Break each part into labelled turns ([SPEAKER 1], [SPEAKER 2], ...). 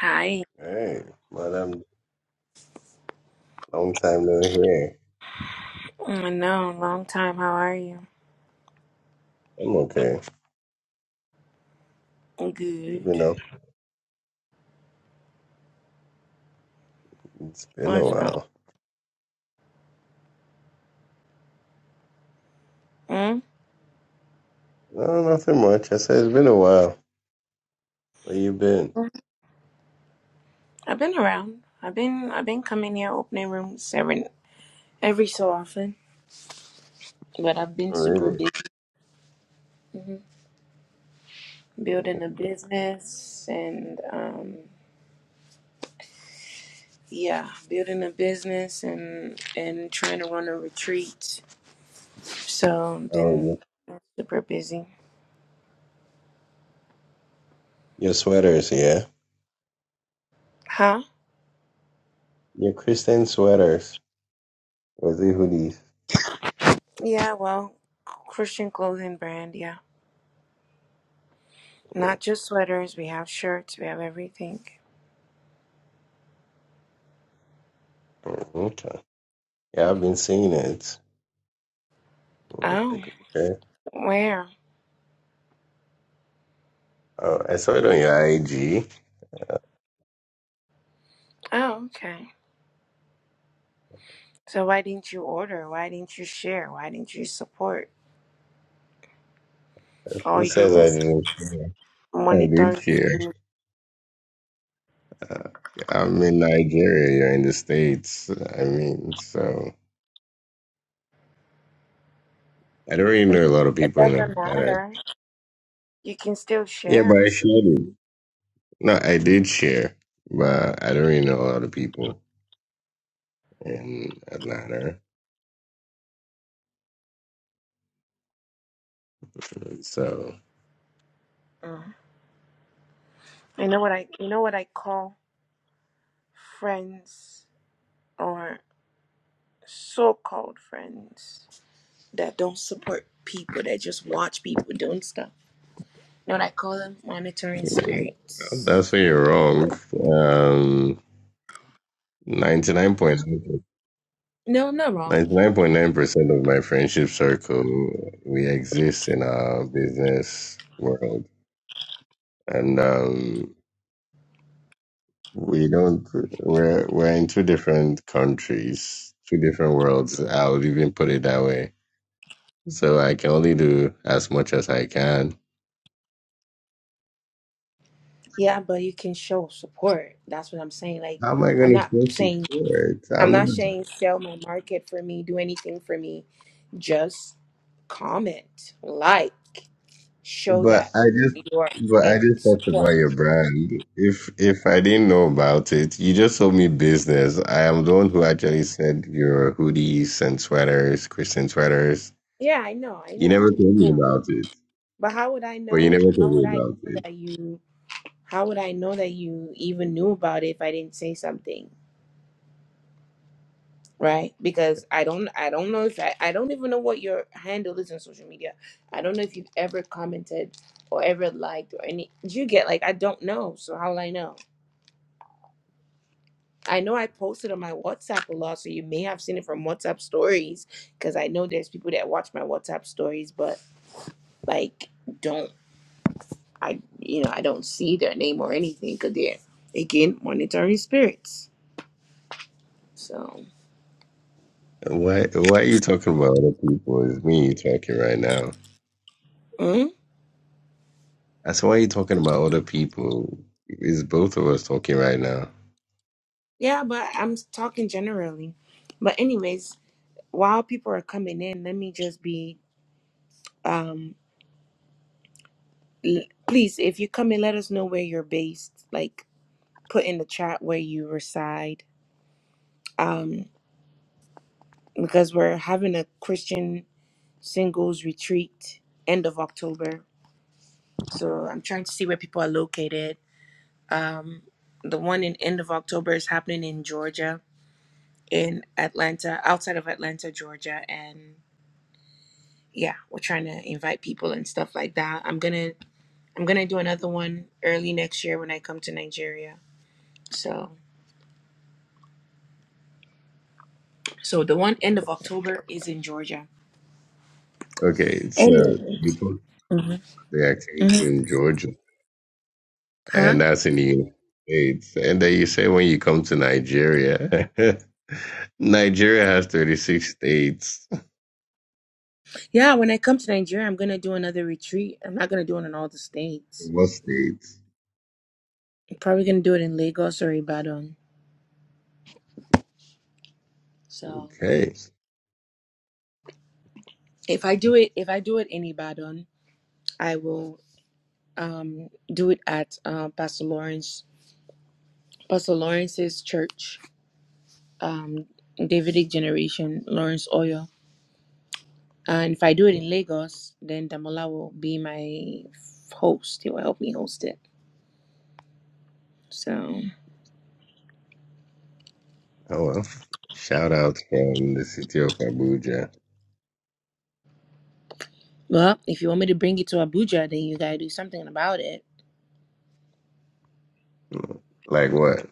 [SPEAKER 1] Hi.
[SPEAKER 2] Hey, madam, long time no hear.
[SPEAKER 1] I know, long time. How are you?
[SPEAKER 2] I'm okay.
[SPEAKER 1] Good.
[SPEAKER 2] You know, it's been a
[SPEAKER 1] Let's go.
[SPEAKER 2] while.
[SPEAKER 1] Mm?
[SPEAKER 2] No, nothing much. I said it's been a while. Where you been?
[SPEAKER 1] I've been around. I've been I've been coming here opening rooms every every so often, but I've been
[SPEAKER 2] Oh,
[SPEAKER 1] super
[SPEAKER 2] Really?
[SPEAKER 1] busy hmm building a business and um yeah, building a business and and trying to run a retreat. So I've
[SPEAKER 2] Oh,
[SPEAKER 1] been super busy.
[SPEAKER 2] your sweaters, yeah?
[SPEAKER 1] Huh?
[SPEAKER 2] Your Christian sweaters. Or the hoodies.
[SPEAKER 1] Yeah, well, Christian clothing brand, yeah. Not just sweaters, we have shirts, we have everything.
[SPEAKER 2] Mm, Okay. Yeah, I've been seeing it. Mm,
[SPEAKER 1] Oh,
[SPEAKER 2] Like, okay.
[SPEAKER 1] where?
[SPEAKER 2] Oh, I saw it on your IG.
[SPEAKER 1] Oh, okay. So why didn't you order? Why didn't you share? Why didn't you support? Or
[SPEAKER 2] Who says
[SPEAKER 1] you
[SPEAKER 2] I didn't share? I did
[SPEAKER 1] monitor?
[SPEAKER 2] share. Uh, yeah, I'm in Nigeria. You're in the States. I mean, so. I don't really know a lot of
[SPEAKER 1] It
[SPEAKER 2] people in
[SPEAKER 1] doesn't
[SPEAKER 2] Atlanta.
[SPEAKER 1] matter. You can still
[SPEAKER 2] Yeah, but
[SPEAKER 1] share.
[SPEAKER 2] I shared it. No, I did share, but I don't really know a lot of people in Atlanta. So
[SPEAKER 1] Mm. You know what I? You know what I call friends or so-called friends that don't support people that just watch people doing stuff. You know what I call them? Monitoring spirits.
[SPEAKER 2] that's where you're wrong. Um, 99.9%
[SPEAKER 1] No, I'm not wrong.
[SPEAKER 2] percent of my friendship circle, we exist in our business world. And um, we don't, we're, we're in two different countries, two different worlds. I would even put it that way So I can only do as much as I can.
[SPEAKER 1] Yeah, but you can show support. That's what I'm saying. Like,
[SPEAKER 2] How am I
[SPEAKER 1] I'm
[SPEAKER 2] gonna
[SPEAKER 1] not
[SPEAKER 2] force it
[SPEAKER 1] saying
[SPEAKER 2] forward?
[SPEAKER 1] I'm
[SPEAKER 2] I'm
[SPEAKER 1] not
[SPEAKER 2] not.
[SPEAKER 1] saying sell my market for me, do anything for me. Just comment, like, show
[SPEAKER 2] But
[SPEAKER 1] that
[SPEAKER 2] I just,
[SPEAKER 1] you're
[SPEAKER 2] but I
[SPEAKER 1] in
[SPEAKER 2] just talked about
[SPEAKER 1] support.
[SPEAKER 2] your brand. If if I didn't know about it, you just told me business. I am the one who actually said your hoodies and sweaters, Christian sweaters.
[SPEAKER 1] Yeah, I know, I
[SPEAKER 2] You never
[SPEAKER 1] know.
[SPEAKER 2] told me
[SPEAKER 1] No.
[SPEAKER 2] about it,
[SPEAKER 1] But how would I
[SPEAKER 2] but you
[SPEAKER 1] know
[SPEAKER 2] never told
[SPEAKER 1] how would
[SPEAKER 2] me
[SPEAKER 1] I
[SPEAKER 2] about
[SPEAKER 1] know
[SPEAKER 2] it.
[SPEAKER 1] that you how would I know that you even knew about it if I didn't say something? right because i don't i don't know if I, I don't even know what your handle is on social media i don't know if you've ever commented or ever liked or any do you get like i don't know so how will i know i know i posted on my whatsapp a lot so you may have seen it from whatsapp stories because i know there's people that watch my whatsapp stories but like don't i you know i don't see their name or anything because they're again monitoring spirits so
[SPEAKER 2] Why why are you talking about other people? It's me you talking right now.
[SPEAKER 1] mm,
[SPEAKER 2] That's why are you talking about other people. It's both of us talking right now.
[SPEAKER 1] yeah but i'm talking generally but anyways while people are coming in, let me just be um l- please if you come in let us know where you're based, like put in the chat where you reside. Um because we're having a Christian singles retreat end of October. So I'm trying to see where people are located. Um the one in end of October is happening in Georgia, in Atlanta, outside of Atlanta, Georgia and yeah, we're trying to invite people and stuff like that. I'm going to I'm gonna do another one early next year when I come to Nigeria. So, so the one end of October is in Georgia.
[SPEAKER 2] Okay, so
[SPEAKER 1] Anyway,
[SPEAKER 2] you took
[SPEAKER 1] Mhm.
[SPEAKER 2] the activity
[SPEAKER 1] Mhm.
[SPEAKER 2] in Georgia, and
[SPEAKER 1] huh?
[SPEAKER 2] that's in the United States. And then you say when you come to Nigeria, Nigeria has 36 states.
[SPEAKER 1] Yeah, when I come to Nigeria, I'm gonna do another retreat. I'm not gonna do it in all the states.
[SPEAKER 2] What states?
[SPEAKER 1] I'm probably gonna do it in Lagos or Ibadan. So,
[SPEAKER 2] Okay.
[SPEAKER 1] if I do it, if I do it in Ibadan, I will um, do it at uh, Pastor Lawrence, Pastor Lawrence's church, um, Davidic Generation, Lawrence Oil. And if I do it in Lagos, then Damola will be my host. He will help me host it. So,
[SPEAKER 2] Oh, well. Shout out from the city of Abuja.
[SPEAKER 1] well, if you want me to bring it to Abuja, then you gotta do something about it.
[SPEAKER 2] Mm, Like what?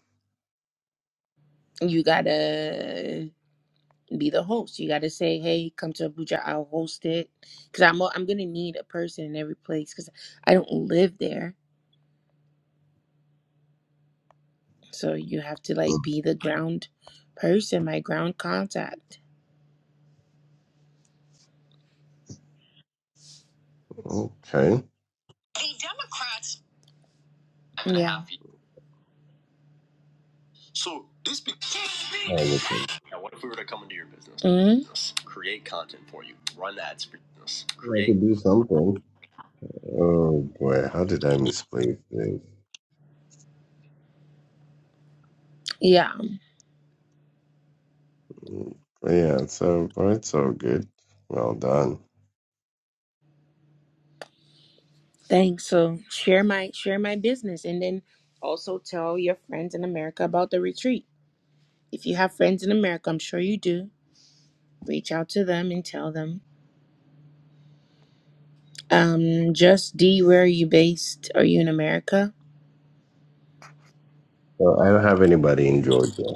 [SPEAKER 1] You gotta be the host. You gotta say, "Hey, come to Abuja. I'll host it." Because I'm I'm gonna need a person in every place because I don't live there. So you have to
[SPEAKER 2] Mm,
[SPEAKER 1] like be the ground person, my ground contact.
[SPEAKER 2] Okay.
[SPEAKER 1] Yeah. So this be-
[SPEAKER 2] Oh, okay.
[SPEAKER 1] Now, what if we were to come into your business? Mhm. Create content for you. Run ads for your business.
[SPEAKER 2] I
[SPEAKER 1] Create.
[SPEAKER 2] could do something. Oh, boy. How did I misplace this?
[SPEAKER 1] Yeah.
[SPEAKER 2] Mm, But yeah, so, but it's all good. Well done.
[SPEAKER 1] Thanks. So share my share my business, and then also tell your friends in America about the retreat. If you have friends in America, I'm sure you do. Reach out to them and tell them. Um, just D, where are you based? Are you in America?
[SPEAKER 2] So I don't have anybody in Georgia.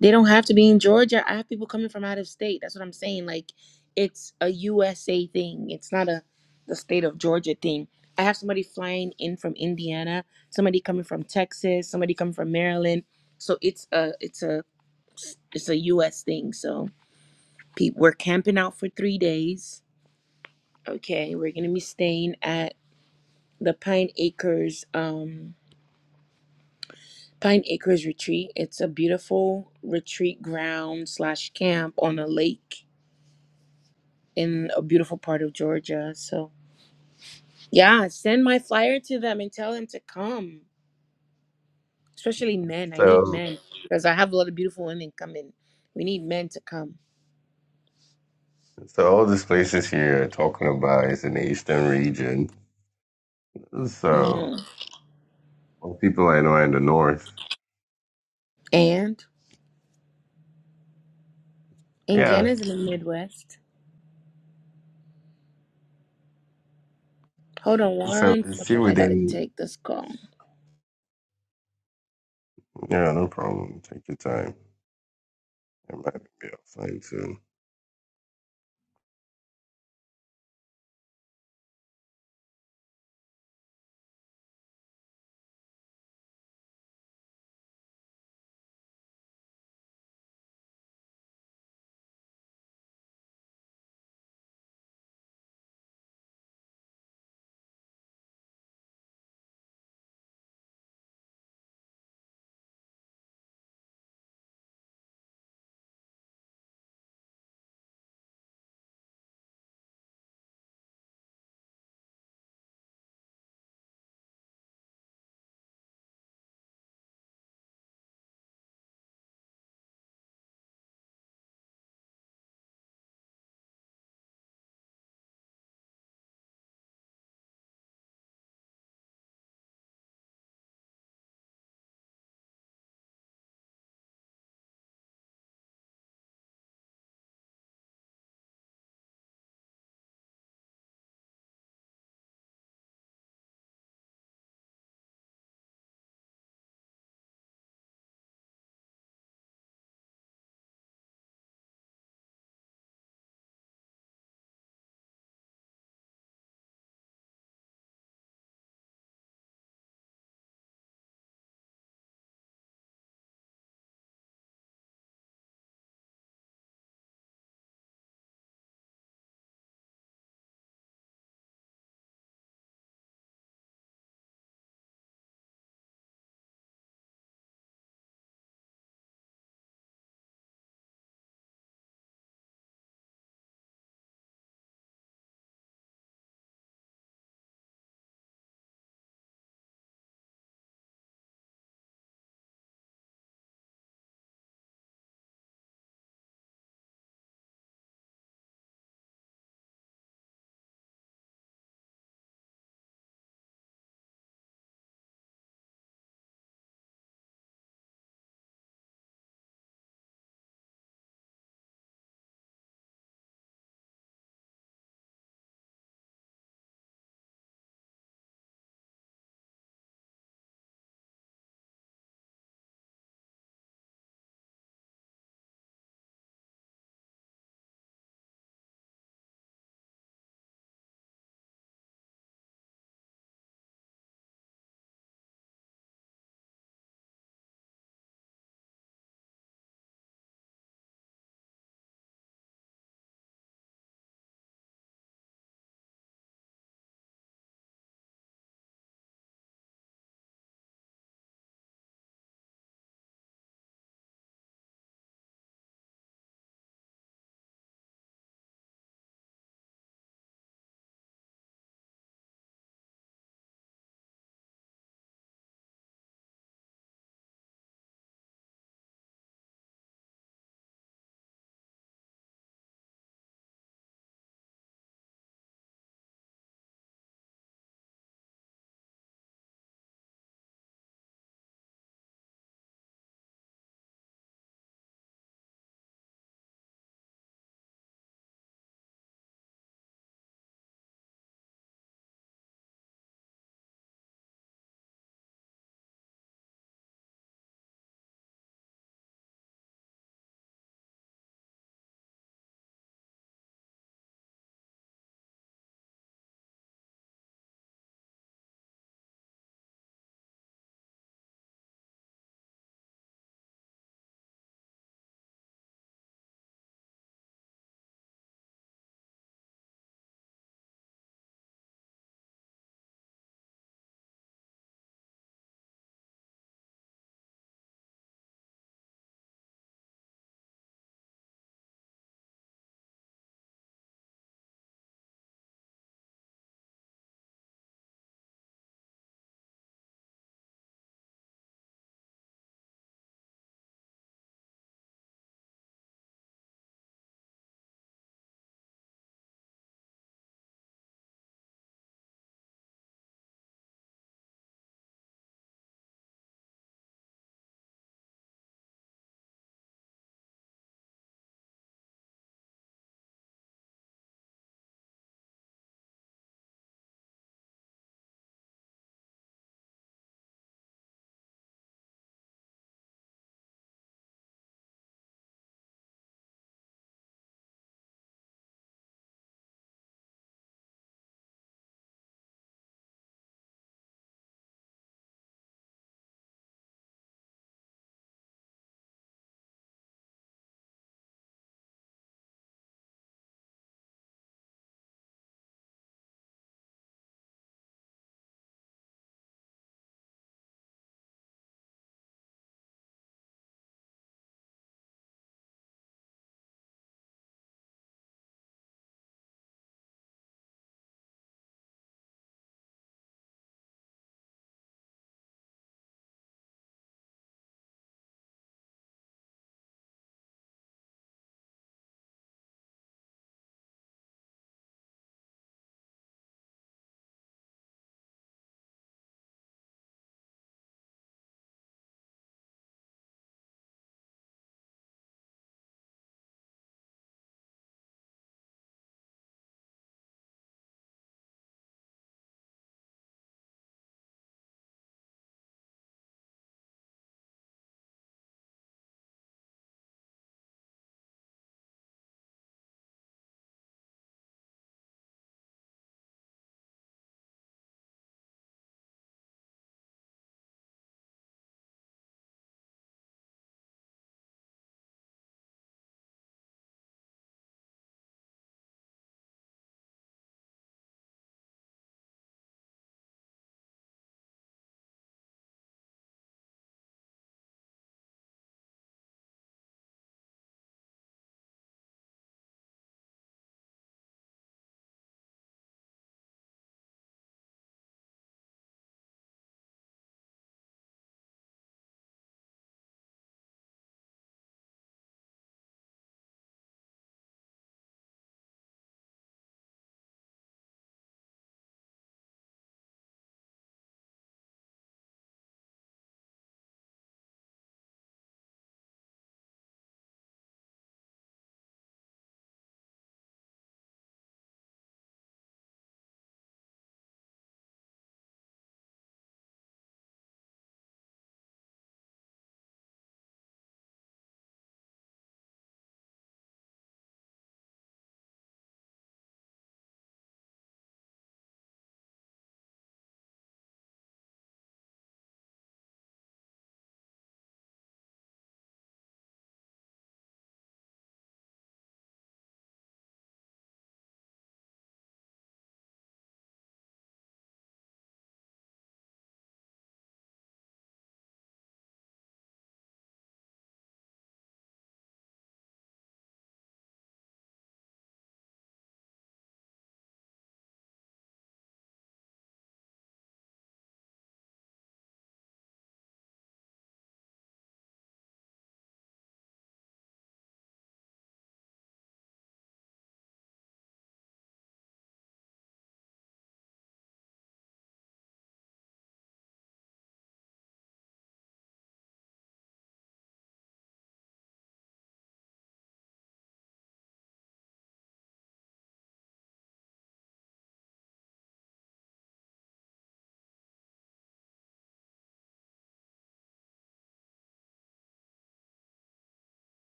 [SPEAKER 1] They don't have to be in Georgia. I have people coming from out of state. That's what I'm saying. Like, it's a USA thing. It's not a the state of Georgia thing. I have somebody flying in from Indiana, somebody coming from Texas, somebody coming from Maryland. So it's a it's a it's a US thing. So people, we're camping out for three days. Okay, we're gonna be staying at the Pine Acres um Pine Acres Retreat. It's a beautiful retreat ground slash camp on a lake in a beautiful part of Georgia. So, yeah, send my flyer to them and tell them to come, especially men. I need
[SPEAKER 2] So
[SPEAKER 1] men because I have a lot of beautiful women coming. We need men to come.
[SPEAKER 2] so all these places here are talking about is in the eastern region. So
[SPEAKER 1] hmm
[SPEAKER 2] all people I know are in the north.
[SPEAKER 1] And
[SPEAKER 2] Yeah.
[SPEAKER 1] Indiana's in the Midwest. Hold on
[SPEAKER 2] So
[SPEAKER 1] one
[SPEAKER 2] it's still
[SPEAKER 1] second. I gotta
[SPEAKER 2] within
[SPEAKER 1] take this call.
[SPEAKER 2] yeah, no problem. Take your time. I might be outside soon.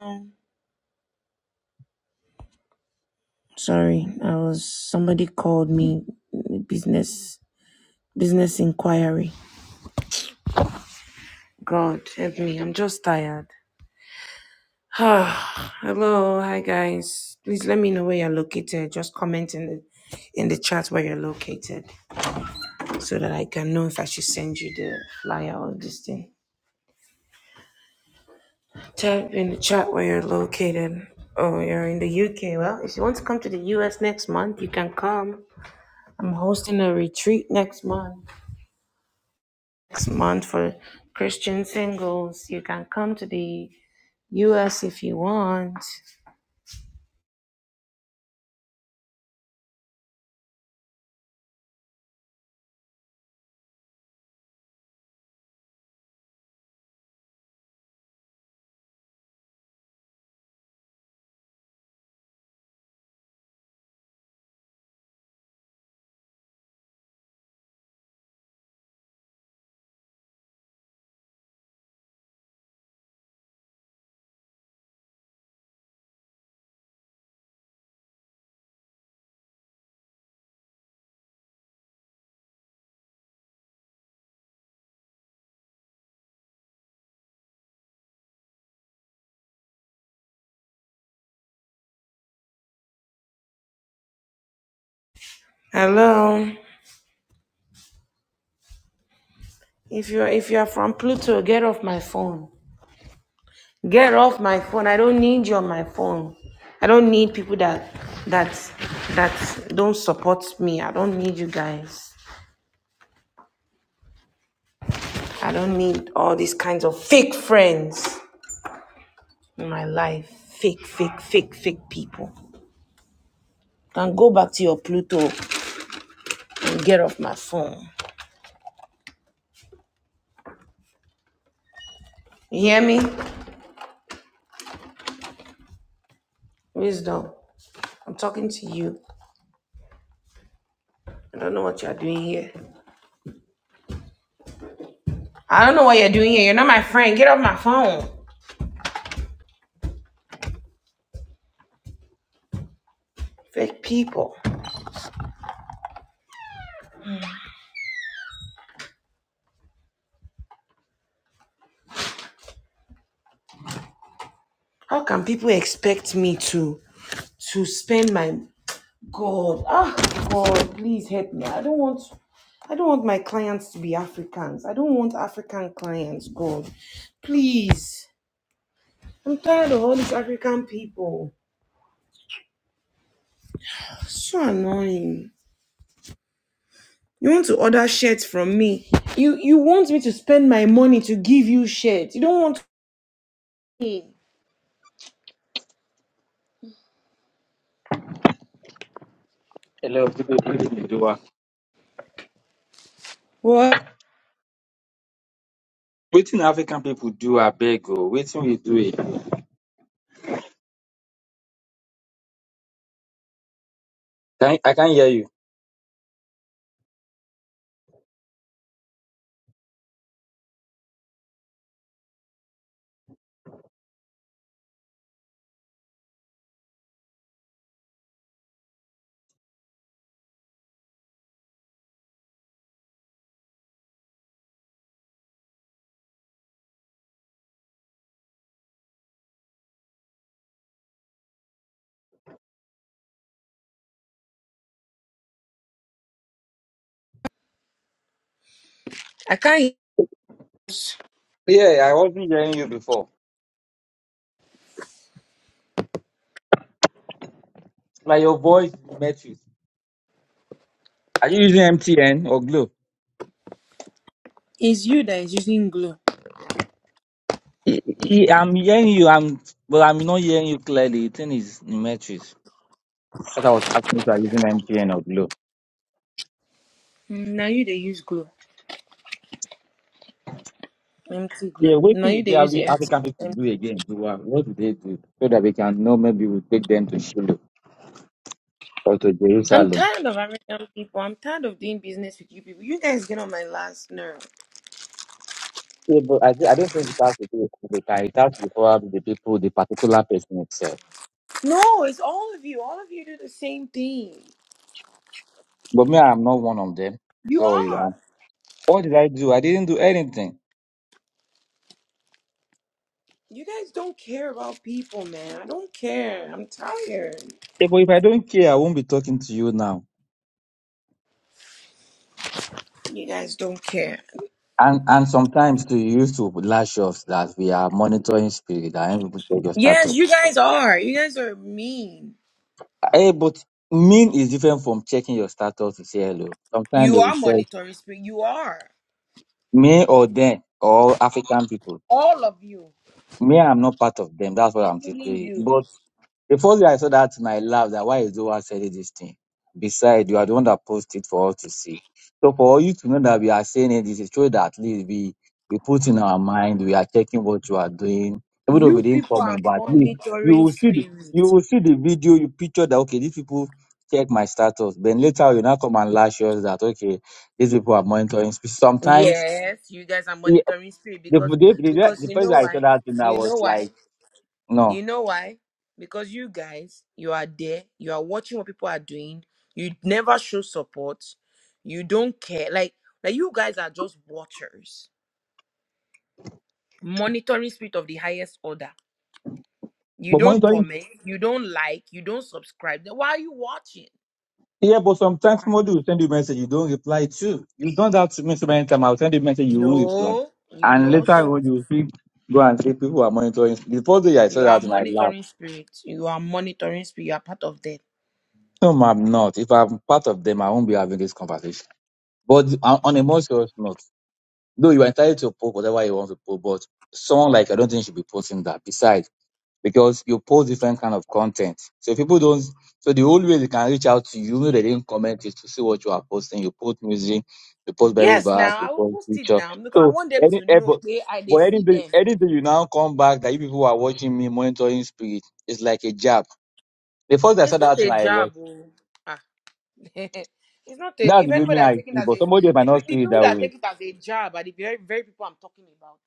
[SPEAKER 1] Oh, Sorry, I was somebody called me business business inquiry. God help me. I'm just tired. Hello, hi guys. Please let me know where you're located. Just comment in the in the chat where you're located so that I can know if I should send you the flyer or this thing. Type in the chat where you're located. Oh, you're in the UK. Well, if you want to come to the US next month, you can come. I'm hosting a retreat next month. Next month for Christian singles. You can come to the US if you want. Hello. If you're if you're from Pluto, get off my phone. Get off my phone. I don't need you on my phone. I don't need people that that that don't support me. I don't need you guys. I don't need all these kinds of fake friends in my life. Fake, fake, fake, fake people. Can go back to your Pluto and get off my phone. You hear me? Wisdom. I'm talking to you. I don't know what you're doing here. I don't know what you're doing here. You're not my friend. Get off my phone. Fake people. How can people expect me to to spend my God? Ah, God, please help me. I don't want I don't want my clients to be Africans. I don't want African clients, God. Please. I'm tired of all these African people. So annoying. You want to order shirts from me. You you want me to spend my money to give you shirts. You don't want me.
[SPEAKER 3] Hello, good evening, Dua.
[SPEAKER 1] What?
[SPEAKER 3] Waiting African people do a beg or waiting we do it. Can, I can't hear you.
[SPEAKER 1] I can't
[SPEAKER 3] Yeah, I wasn't hearing you before. Like your voice met you. Are you using MTN or Glow?
[SPEAKER 1] it's you that is using glue.
[SPEAKER 3] i y- I'm hearing you, I'm but I'm not hearing you clearly. The thing is Demetrius. That I was asking if you are using MTN or Glow.
[SPEAKER 1] Mm, Now you they use glue. Empty
[SPEAKER 3] Yeah,
[SPEAKER 1] glue. Now
[SPEAKER 3] waiting we
[SPEAKER 1] you they
[SPEAKER 3] do
[SPEAKER 1] use
[SPEAKER 3] Afri- African people
[SPEAKER 1] empty.
[SPEAKER 3] do again, Dua. What do they do? So that we can know maybe we take them to Shiloh or to
[SPEAKER 1] I'm
[SPEAKER 3] Jerusalem.
[SPEAKER 1] tired of American people. I'm tired of doing business with you people. You guys get on my last nerve.
[SPEAKER 3] Yeah, but I, I don't think it has to do with the guy. It has to do probably the people, the particular person itself.
[SPEAKER 1] No, it's all of you. All of you do the same thing.
[SPEAKER 3] But me, I'm not one of them.
[SPEAKER 1] You
[SPEAKER 3] So yeah,
[SPEAKER 1] are.
[SPEAKER 3] what did I do? I didn't do anything.
[SPEAKER 1] You guys don't care about people, man. I don't care. I'm tired.
[SPEAKER 3] Yeah, but if I don't care, I won't be talking to you now.
[SPEAKER 1] You guys don't care.
[SPEAKER 3] And and sometimes too, you used to lash off that we are monitoring spirit. that am people check your
[SPEAKER 1] Yes,
[SPEAKER 3] status.
[SPEAKER 1] you guys are. You guys are mean.
[SPEAKER 3] Hey, but mean is different from checking your status to say hello. Sometimes they
[SPEAKER 1] You
[SPEAKER 3] will
[SPEAKER 1] are
[SPEAKER 3] check
[SPEAKER 1] monitoring spirit. You are.
[SPEAKER 3] me or them or African people.
[SPEAKER 1] All of you,
[SPEAKER 3] Me, I'm not part of them. That's what I'm just
[SPEAKER 1] including
[SPEAKER 3] saying.
[SPEAKER 1] you.
[SPEAKER 3] But The first day I saw that, and I laughed that why is Zoa saying this thing? Besides, you are the one that posted it for all to see. So for all you to know that we are saying it, this is true that at least we, we put in our mind, we are checking what you are doing. Even though
[SPEAKER 1] You
[SPEAKER 3] we didn't
[SPEAKER 1] people are
[SPEAKER 3] comment, but at least you
[SPEAKER 1] monitoring
[SPEAKER 3] will see the,
[SPEAKER 1] spirit.
[SPEAKER 3] you will see the video, you picture that, okay, these people check my status. Then later you now come and lash us that, okay, these people are monitoring. Sometimes,
[SPEAKER 1] Yes, you guys are
[SPEAKER 3] yeah,
[SPEAKER 1] monitoring spirit
[SPEAKER 3] the,
[SPEAKER 1] because
[SPEAKER 3] the, the, the
[SPEAKER 1] because you
[SPEAKER 3] first
[SPEAKER 1] know
[SPEAKER 3] day I saw
[SPEAKER 1] why?
[SPEAKER 3] that thing, I
[SPEAKER 1] You know
[SPEAKER 3] was
[SPEAKER 1] why?
[SPEAKER 3] like, no.
[SPEAKER 1] You know why? Because you guys, you are there, you are watching what people are doing, you never show support, you don't care. Like like you guys are just watchers, monitoring spirit of the highest order. You
[SPEAKER 3] But
[SPEAKER 1] don't
[SPEAKER 3] monitoring
[SPEAKER 1] comment, you don't like, you don't subscribe. Then why are you watching?
[SPEAKER 3] Yeah, but sometimes
[SPEAKER 1] Why?
[SPEAKER 3] somebody will send you a message you don't reply to. You've done that to me so many times. I'll send you a message you won't reply.
[SPEAKER 1] No, you
[SPEAKER 3] And
[SPEAKER 1] know,
[SPEAKER 3] later
[SPEAKER 1] so
[SPEAKER 3] on you see go and say people are monitoring. The first day I saw
[SPEAKER 1] you are
[SPEAKER 3] that and I laughed.
[SPEAKER 1] monitoring spirit. You are monitoring spirit, you are part of them.
[SPEAKER 3] No, i I'm not. If I'm part of them, I won't be having this conversation. But on on a more serious note, though you are entitled to post whatever you want to post, but someone like I don't think should be posting that. Besides. because you post different kind of content. So people don't. So the only way they can reach out to you, even if they didn't comment, is to see what you are posting. You post music, you post Bible
[SPEAKER 1] Yes,
[SPEAKER 3] verse,
[SPEAKER 1] now
[SPEAKER 3] you
[SPEAKER 1] I will
[SPEAKER 3] post
[SPEAKER 1] post it
[SPEAKER 3] picture.
[SPEAKER 1] now because I
[SPEAKER 3] So
[SPEAKER 1] want them
[SPEAKER 3] any
[SPEAKER 1] to
[SPEAKER 3] eh,
[SPEAKER 1] know
[SPEAKER 3] but
[SPEAKER 1] where I
[SPEAKER 3] but
[SPEAKER 1] they see
[SPEAKER 3] anything
[SPEAKER 1] them.
[SPEAKER 3] anything you now come back that you people are watching me monitoring spirit is like a jab. The first I saw
[SPEAKER 1] It's not
[SPEAKER 3] that thing
[SPEAKER 1] a
[SPEAKER 3] I was
[SPEAKER 1] job, oh. ah. it's not a.
[SPEAKER 3] that's
[SPEAKER 1] If
[SPEAKER 3] the way me
[SPEAKER 1] anybody is
[SPEAKER 3] I
[SPEAKER 1] taking it
[SPEAKER 3] see,
[SPEAKER 1] as
[SPEAKER 3] but
[SPEAKER 1] a,
[SPEAKER 3] somebody
[SPEAKER 1] the,
[SPEAKER 3] might
[SPEAKER 1] pe-
[SPEAKER 3] not
[SPEAKER 1] the
[SPEAKER 3] see it
[SPEAKER 1] people
[SPEAKER 3] that
[SPEAKER 1] that
[SPEAKER 3] way.
[SPEAKER 1] take it as a job are the very very people I'm talking about.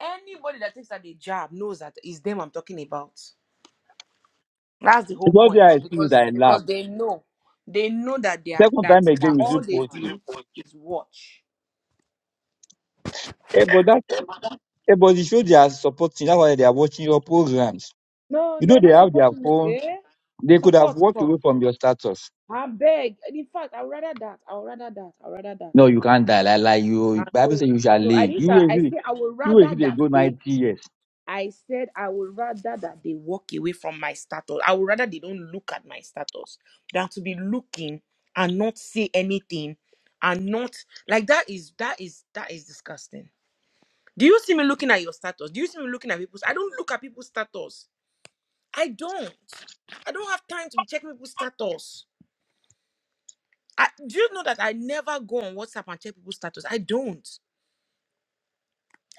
[SPEAKER 1] Anybody that takes it as a job knows that it's them I'm talking about. That's the whole
[SPEAKER 3] Because they
[SPEAKER 1] point
[SPEAKER 3] I see it,
[SPEAKER 1] because
[SPEAKER 3] I laugh.
[SPEAKER 1] because they know they know that they are
[SPEAKER 3] Second
[SPEAKER 1] that
[SPEAKER 3] time
[SPEAKER 1] that
[SPEAKER 3] again, you
[SPEAKER 1] all
[SPEAKER 3] still
[SPEAKER 1] they
[SPEAKER 3] post it.
[SPEAKER 1] do is watch.
[SPEAKER 3] Hey, but that, hey, but it shows they are supporting. That's why they are watching your programs.
[SPEAKER 1] No,
[SPEAKER 3] You
[SPEAKER 1] they
[SPEAKER 3] know
[SPEAKER 1] are
[SPEAKER 3] they
[SPEAKER 1] not
[SPEAKER 3] have their
[SPEAKER 1] supporting me.
[SPEAKER 3] phones
[SPEAKER 1] Eh?
[SPEAKER 3] They could have
[SPEAKER 1] Support,
[SPEAKER 3] walked
[SPEAKER 1] come.
[SPEAKER 3] away from your status.
[SPEAKER 1] I beg. In fact, I would rather that. I would rather that. I would rather that.
[SPEAKER 3] No, you can't die. Like, like
[SPEAKER 1] Uh,
[SPEAKER 3] you, Bible
[SPEAKER 1] No,
[SPEAKER 3] says you shall
[SPEAKER 1] no,
[SPEAKER 3] live. You
[SPEAKER 1] Adisa,
[SPEAKER 3] will
[SPEAKER 1] I
[SPEAKER 3] see.
[SPEAKER 1] say I would
[SPEAKER 3] You will
[SPEAKER 1] rather
[SPEAKER 3] see they
[SPEAKER 1] that
[SPEAKER 3] go
[SPEAKER 1] they.
[SPEAKER 3] 90 years.
[SPEAKER 1] I said I would rather that they walk away from my status. I would rather they don't look at my status than to be looking and not say anything and not like that is that is that is disgusting. Do you see me looking at your status? Do you see me looking at people's? I don't look at people's status. I don't. I don't have time to be checking people's status. I, do you know that I never go on WhatsApp and check people's status? I don't.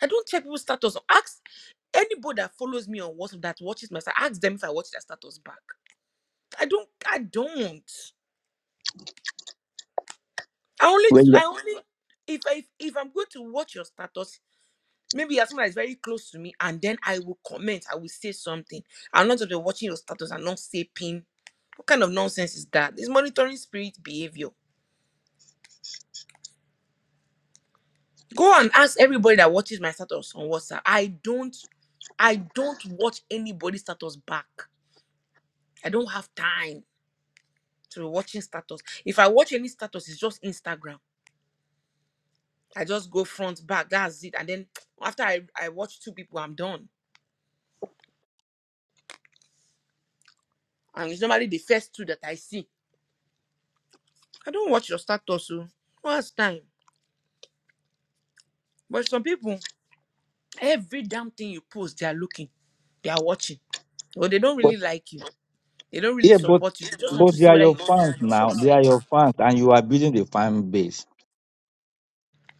[SPEAKER 1] I don't check people's status. Ask Anybody that follows me on WhatsApp that watches my status, ask them if I watch their status back. I don't. I don't. I only.
[SPEAKER 3] When you are,
[SPEAKER 1] I only. If I if I'm going to watch your status, maybe as someone that is very close to me, and then I will comment. I will say something. I'm not just watching your status and not say pin. What kind of nonsense is that? It's monitoring spirit behavior. Go and ask everybody that watches my status on WhatsApp. I don't. I don't watch anybody's status back. I don't have time. to watching status. If I watch any status, it's just Instagram. I just go front, back, that's it. And then after I, I watch two people, I'm done. And it's normally the first two that I see. I don't watch your status, so what's time? But some people, every damn thing you post, they are looking, they are watching. But they don't
[SPEAKER 3] but,
[SPEAKER 1] really like you. They don't really
[SPEAKER 3] yeah, but,
[SPEAKER 1] support you. They just want
[SPEAKER 3] but
[SPEAKER 1] to
[SPEAKER 3] they
[SPEAKER 1] see
[SPEAKER 3] are
[SPEAKER 1] whether
[SPEAKER 3] your
[SPEAKER 1] you
[SPEAKER 3] fans now. They are
[SPEAKER 1] succeed.
[SPEAKER 3] your fans and you are building the fan base.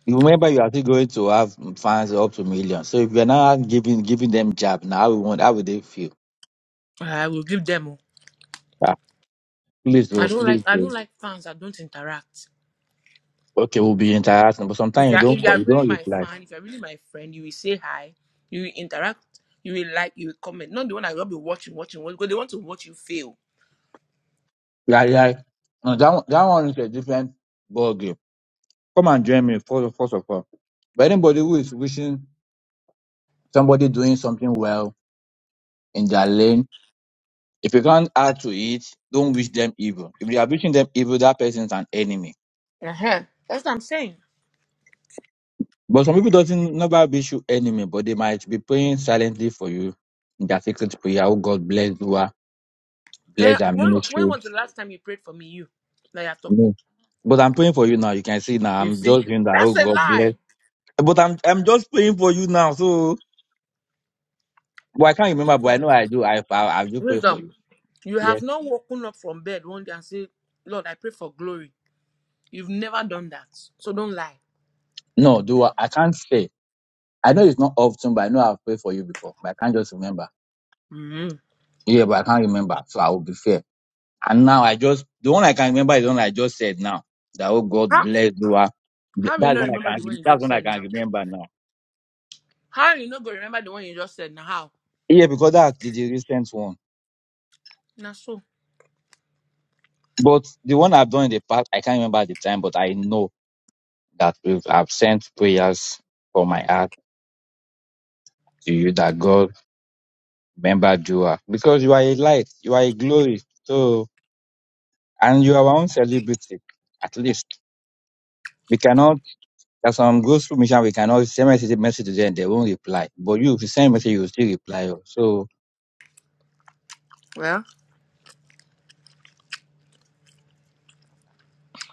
[SPEAKER 3] You remember you are still going to have fans up to millions. So if you're not giving, giving them job now, how will, how will they feel?
[SPEAKER 1] I will give them. oh.
[SPEAKER 3] Ah, please,
[SPEAKER 1] I
[SPEAKER 3] oh,
[SPEAKER 1] don't
[SPEAKER 3] please,
[SPEAKER 1] like I
[SPEAKER 3] oh.
[SPEAKER 1] don't like fans that don't interact.
[SPEAKER 3] Okay, we'll be interacting, but
[SPEAKER 1] If
[SPEAKER 3] sometimes
[SPEAKER 1] you
[SPEAKER 3] you
[SPEAKER 1] are
[SPEAKER 3] don't
[SPEAKER 1] if you
[SPEAKER 3] call,
[SPEAKER 1] are
[SPEAKER 3] you
[SPEAKER 1] really
[SPEAKER 3] don't
[SPEAKER 1] my
[SPEAKER 3] reply.
[SPEAKER 1] fan, if you are really my friend, you will say hi, you will interact, you will like, you will comment. Not the one I will be watching, watching, watching, because they want to watch you fail.
[SPEAKER 3] Yeah, yeah. No, that one, that one is a different ballgame. Come and join me first, first of all. But anybody who is wishing somebody doing something well in their lane, if you can't add to it, don't wish them evil. If you are wishing them evil, that person is an enemy.
[SPEAKER 1] Uh-huh. That's what I'm saying.
[SPEAKER 3] But some people doesn't never wish you enemy, but they might be praying silently for you in their secret prayer. Oh God bless you, ah,
[SPEAKER 1] Eh,
[SPEAKER 3] bless our
[SPEAKER 1] when, when
[SPEAKER 3] ministry.
[SPEAKER 1] was the last time you prayed for me? You now you're
[SPEAKER 3] I
[SPEAKER 1] talking.
[SPEAKER 3] mean, But I'm praying for you now. You can see now.
[SPEAKER 1] You
[SPEAKER 3] I'm
[SPEAKER 1] see?
[SPEAKER 3] just doing that.
[SPEAKER 1] That's
[SPEAKER 3] Oh
[SPEAKER 1] a
[SPEAKER 3] God bless.
[SPEAKER 1] lie.
[SPEAKER 3] But I'm I'm just praying for you now. So well, I can't remember, but I
[SPEAKER 1] Wisdom.
[SPEAKER 3] know I do. I I, I do pray for
[SPEAKER 1] Wisdom. You
[SPEAKER 3] you.
[SPEAKER 1] have not woken up from bed one day and said, Lord, I pray for glory. You've never done that. So don't lie.
[SPEAKER 3] No, do I, I can't say. I know it's not often, but I know I've prayed for you before. But I can't just remember.
[SPEAKER 1] hmm
[SPEAKER 3] Yeah, but I can't remember. So I will be fair. And now I just the one I can remember is the one I just said now. That oh God
[SPEAKER 1] How
[SPEAKER 3] bless you. ah.
[SPEAKER 1] how will you
[SPEAKER 3] That's
[SPEAKER 1] not
[SPEAKER 3] one I
[SPEAKER 1] remember
[SPEAKER 3] can
[SPEAKER 1] the one you
[SPEAKER 3] that's
[SPEAKER 1] just
[SPEAKER 3] one I
[SPEAKER 1] said
[SPEAKER 3] can
[SPEAKER 1] now?
[SPEAKER 3] remember now.
[SPEAKER 1] How will you not go remember the one you just said now? How?
[SPEAKER 3] Yeah, because that's the, the recent one.
[SPEAKER 1] Now so.
[SPEAKER 3] But the one I've done in the past, I can't remember at the time, but I know that if I've sent prayers for my heart to you that God remember you Because you are a light, you are a glory. So and you are our own celebrity at least. We cannot, as some goes through mission, we cannot send message, message to them, they won't reply. But you, if you send message, you will still reply. oh. So,
[SPEAKER 1] well.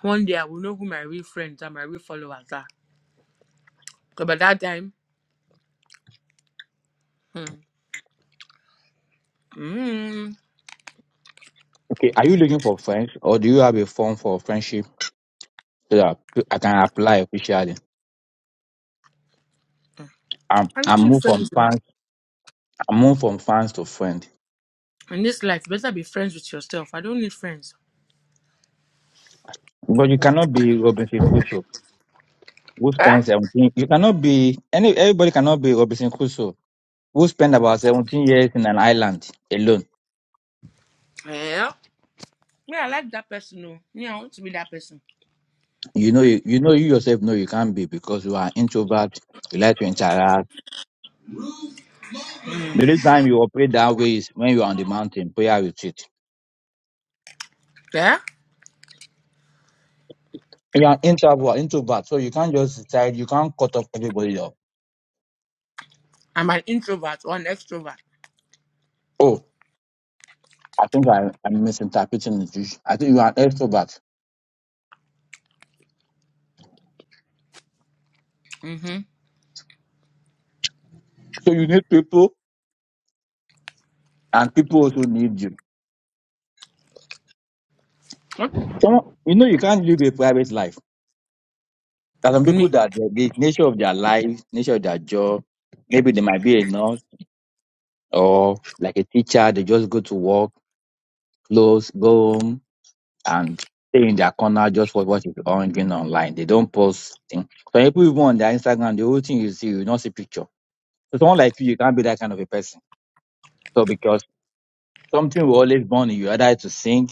[SPEAKER 1] One day I will know who my real friends and my real followers are. Because by that time, hmm, mm,
[SPEAKER 3] okay, are you looking for friends or do you have a form for friendship so that I can apply officially? I'm,
[SPEAKER 1] I don't need
[SPEAKER 3] move from
[SPEAKER 1] friends. Though.
[SPEAKER 3] fans, I move from fans to friend.
[SPEAKER 1] In this life, you better be friends with yourself. I don't need friends.
[SPEAKER 3] But you cannot be Robinson Crusoe who
[SPEAKER 1] Eh?
[SPEAKER 3] spends 17, you cannot be, any, everybody cannot be Robinson Crusoe who spend
[SPEAKER 1] What is
[SPEAKER 3] about
[SPEAKER 1] that?
[SPEAKER 3] 17 years in an island alone.
[SPEAKER 1] Yeah. Me, I like that person. No. Me, I want to be that person.
[SPEAKER 3] You know, you, you know, you yourself know you can't be because you are introvert. You like to interact The only time you operate that way is when you are on the mountain, prayer retreat.
[SPEAKER 1] Yeah?
[SPEAKER 3] You are introvert, introvert, so you can't just decide, you can't cut off everybody off.
[SPEAKER 1] I'm an introvert or an extrovert.
[SPEAKER 3] Oh, I think I, I'm misinterpreting the Jewish. I think you are an extrovert.
[SPEAKER 1] Mm-hmm.
[SPEAKER 3] So you need people, and people also need you.
[SPEAKER 1] What?
[SPEAKER 3] Some- You know, you can't live a private life. There are some people
[SPEAKER 1] Me.
[SPEAKER 3] that the, the nature of their life, nature of their job, maybe they might be a nurse or like a teacher, they just go to work, close, go home, and stay in their corner just watch what is on going online. They don't post thing. So people even on their Instagram, the whole thing you see, you will not see picture. So someone like you, you can't be that kind of a person. So because something will always burn in you, either to sing,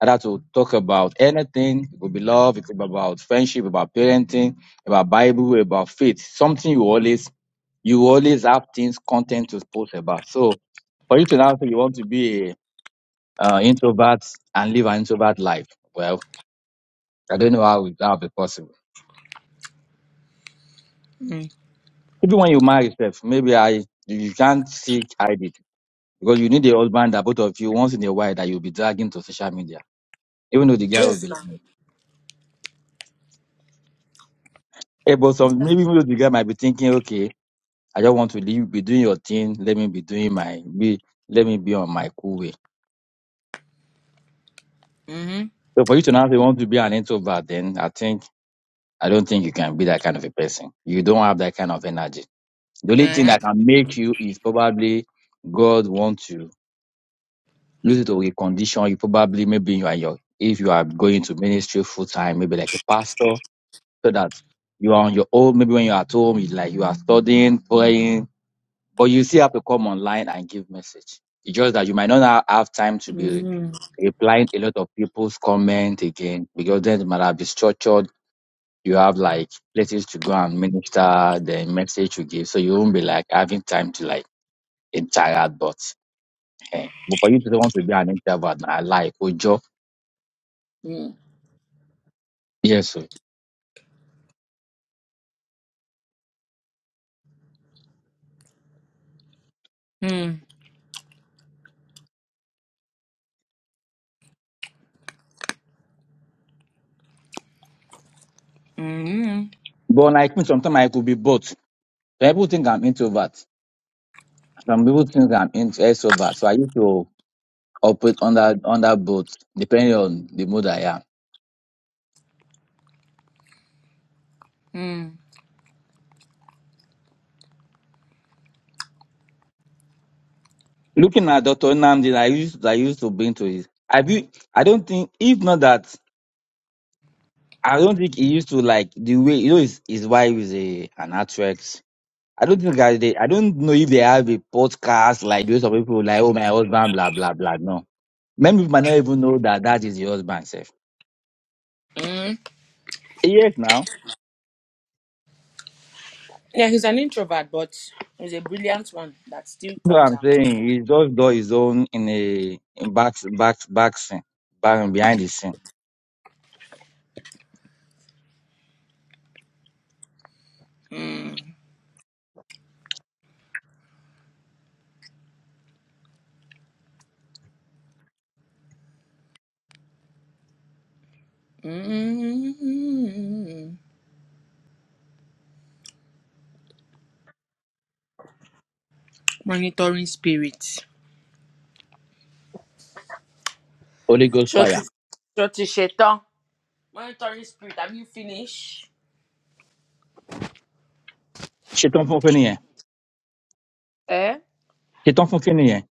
[SPEAKER 3] either to talk about anything. It could be love, it could be about friendship, about parenting, about Bible, about faith. Something you always you always have things content to post about. So for you to now say you want to be a uh, introvert and live an introvert life, well. I don't know how it- that'll be possible.
[SPEAKER 1] Mm.
[SPEAKER 3] Even when you marry yourself, maybe I you can't see hide it because you need a husband that both of you once in a while that you'll be dragging to social media, even though the guy will be
[SPEAKER 1] Yes,
[SPEAKER 3] like,
[SPEAKER 1] ma'am.
[SPEAKER 3] hey, but some maybe even though the guy might be thinking, okay, I just want to leave, be doing your thing, let me be doing my be let me be on my cool way.
[SPEAKER 1] Mm-hmm.
[SPEAKER 3] So for you to now say you want to be an introvert, then I think I don't think you can be that kind of a person. You don't have that kind of energy. The only thing
[SPEAKER 1] Yeah.
[SPEAKER 3] that can make you is probably God wants you due to a condition, you probably maybe you are your if you are going to ministry full time, maybe like a pastor, so that you are on your own. Maybe when you are at home, you like you are studying, praying, but you still have to come online and give message. It's just that you might not have time to be
[SPEAKER 1] Mm-hmm.
[SPEAKER 3] replying a lot of people's comment again because then it might have been structured. You have like places to go and minister, the message you give, so you won't be like having time to like interact. But eh, but for you to want to be an introvert, I like ojo Yes, sir.
[SPEAKER 1] Mm-hmm. Mm-hmm.
[SPEAKER 3] But like me, sometimes I could be both. Some people think I'm introvert. Some people think I'm in- extrovert. So I used to operate under under both, depending on the mood I am.
[SPEAKER 1] Mm-hmm.
[SPEAKER 3] Looking at Dr. Nnamdi, I used I used to be into it. I be, I don't think if not that I don't think he used to like the way you know his his wife is a an actress. I don't think I they, I don't know if they have a podcast like those of people like oh my husband blah blah blah. No, many people might not even know that that is the husband self. Yes, now.
[SPEAKER 1] Yeah, he's an introvert, but he's a brilliant one that still
[SPEAKER 3] No,
[SPEAKER 1] comes
[SPEAKER 3] I'm
[SPEAKER 1] out.
[SPEAKER 3] saying he just do his own in a in back back back scene, back behind the scene.
[SPEAKER 1] Mm. Mm. Monitoring spirit.
[SPEAKER 3] Holy Ghost
[SPEAKER 1] Shorty,
[SPEAKER 3] fire.
[SPEAKER 1] shorty, Shetan. Monitoring spirit. Have you finished?
[SPEAKER 3] Ṣetán fún kíni yẹn?
[SPEAKER 1] Eh?
[SPEAKER 3] Ṣetán fún kíni yẹn?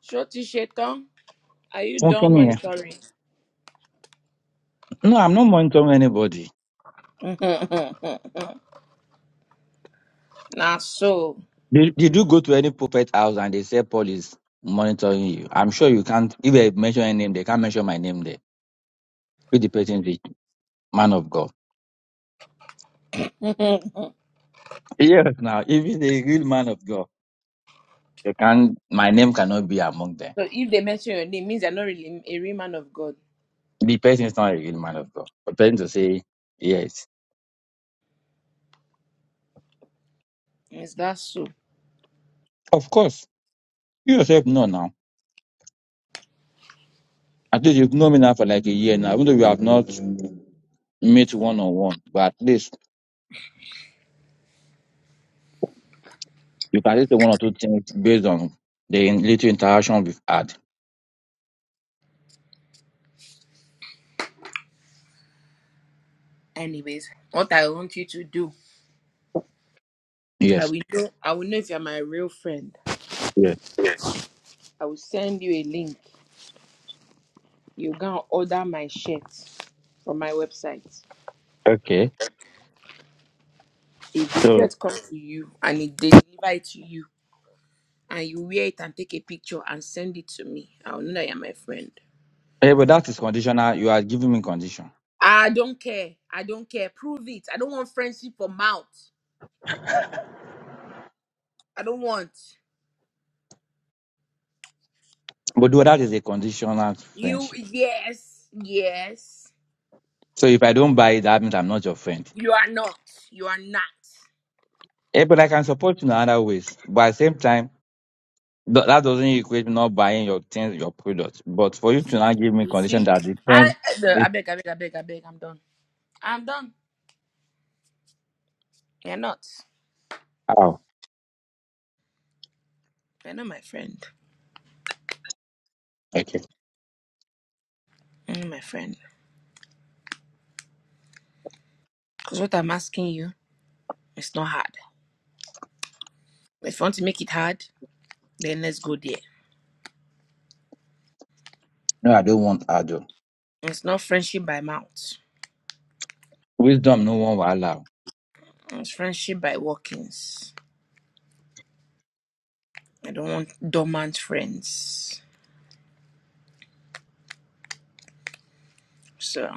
[SPEAKER 1] Shorty, Shetan. Are you
[SPEAKER 3] Fún
[SPEAKER 1] done
[SPEAKER 3] kíni yẹn?
[SPEAKER 1] monitoring?
[SPEAKER 3] No, I'm not monitoring anybody.
[SPEAKER 1] nah, so.
[SPEAKER 3] Did, did you go to any prophet house and they say Paul is monitoring you? I'm sure you can't. If they mention any name, they can't mention my name there. If the person is a man of God.
[SPEAKER 1] so
[SPEAKER 3] Yes. Now, if he's a real man of God, they can My name cannot be among them.
[SPEAKER 1] if they mention your name, means you're not really a real man of God.
[SPEAKER 3] The person is not a real man of God. For the person to say yes,
[SPEAKER 1] Is that so?
[SPEAKER 3] of course. You yourself know now. At least you've known me now for like a year now, even though we have not met one on one, but at least you can say one or two things based on the in- little interaction we've had.
[SPEAKER 1] Anyways, what I want you to do, I
[SPEAKER 3] Yes.
[SPEAKER 1] will know. I will know if you're my real friend.
[SPEAKER 3] Yes.
[SPEAKER 1] I will send you a link. you gonna order my shirt from my website.
[SPEAKER 3] Okay.
[SPEAKER 1] If the
[SPEAKER 3] So,
[SPEAKER 1] shirt comes to you and it they deliver it to you and you wear it and take a picture and send it to me, I'll know that you're my friend.
[SPEAKER 3] eh, but that is conditional. You are giving me condition.
[SPEAKER 1] I don't care. I don't care. Prove it. I don't want friendship for mouth. I don't want
[SPEAKER 3] But though that is a conditional
[SPEAKER 1] you.
[SPEAKER 3] friendship.
[SPEAKER 1] Yes, yes.
[SPEAKER 3] So if I don't buy it, that means I'm not your friend.
[SPEAKER 1] You are not. You are not.
[SPEAKER 3] Eh, but I can support you in other ways. But at the same time, th- that doesn't equate not buying your things, your products. But for
[SPEAKER 1] You
[SPEAKER 3] you to
[SPEAKER 1] see.
[SPEAKER 3] now give me
[SPEAKER 1] You
[SPEAKER 3] condition
[SPEAKER 1] see.
[SPEAKER 3] that the
[SPEAKER 1] I.
[SPEAKER 3] friend is
[SPEAKER 1] I beg. I beg. I beg. I beg. I'm done. I'm done. You're not.
[SPEAKER 3] how.
[SPEAKER 1] You're not my friend. You're not my friend. Because what I'm asking you. It's not hard. If you want to make it hard, then let's go there.
[SPEAKER 3] No, I don't want adult.
[SPEAKER 1] It's not friendship by mouth.
[SPEAKER 3] Wisdom, no one will allow.
[SPEAKER 1] It's friendship by walkings. I don't want dormant friends. So,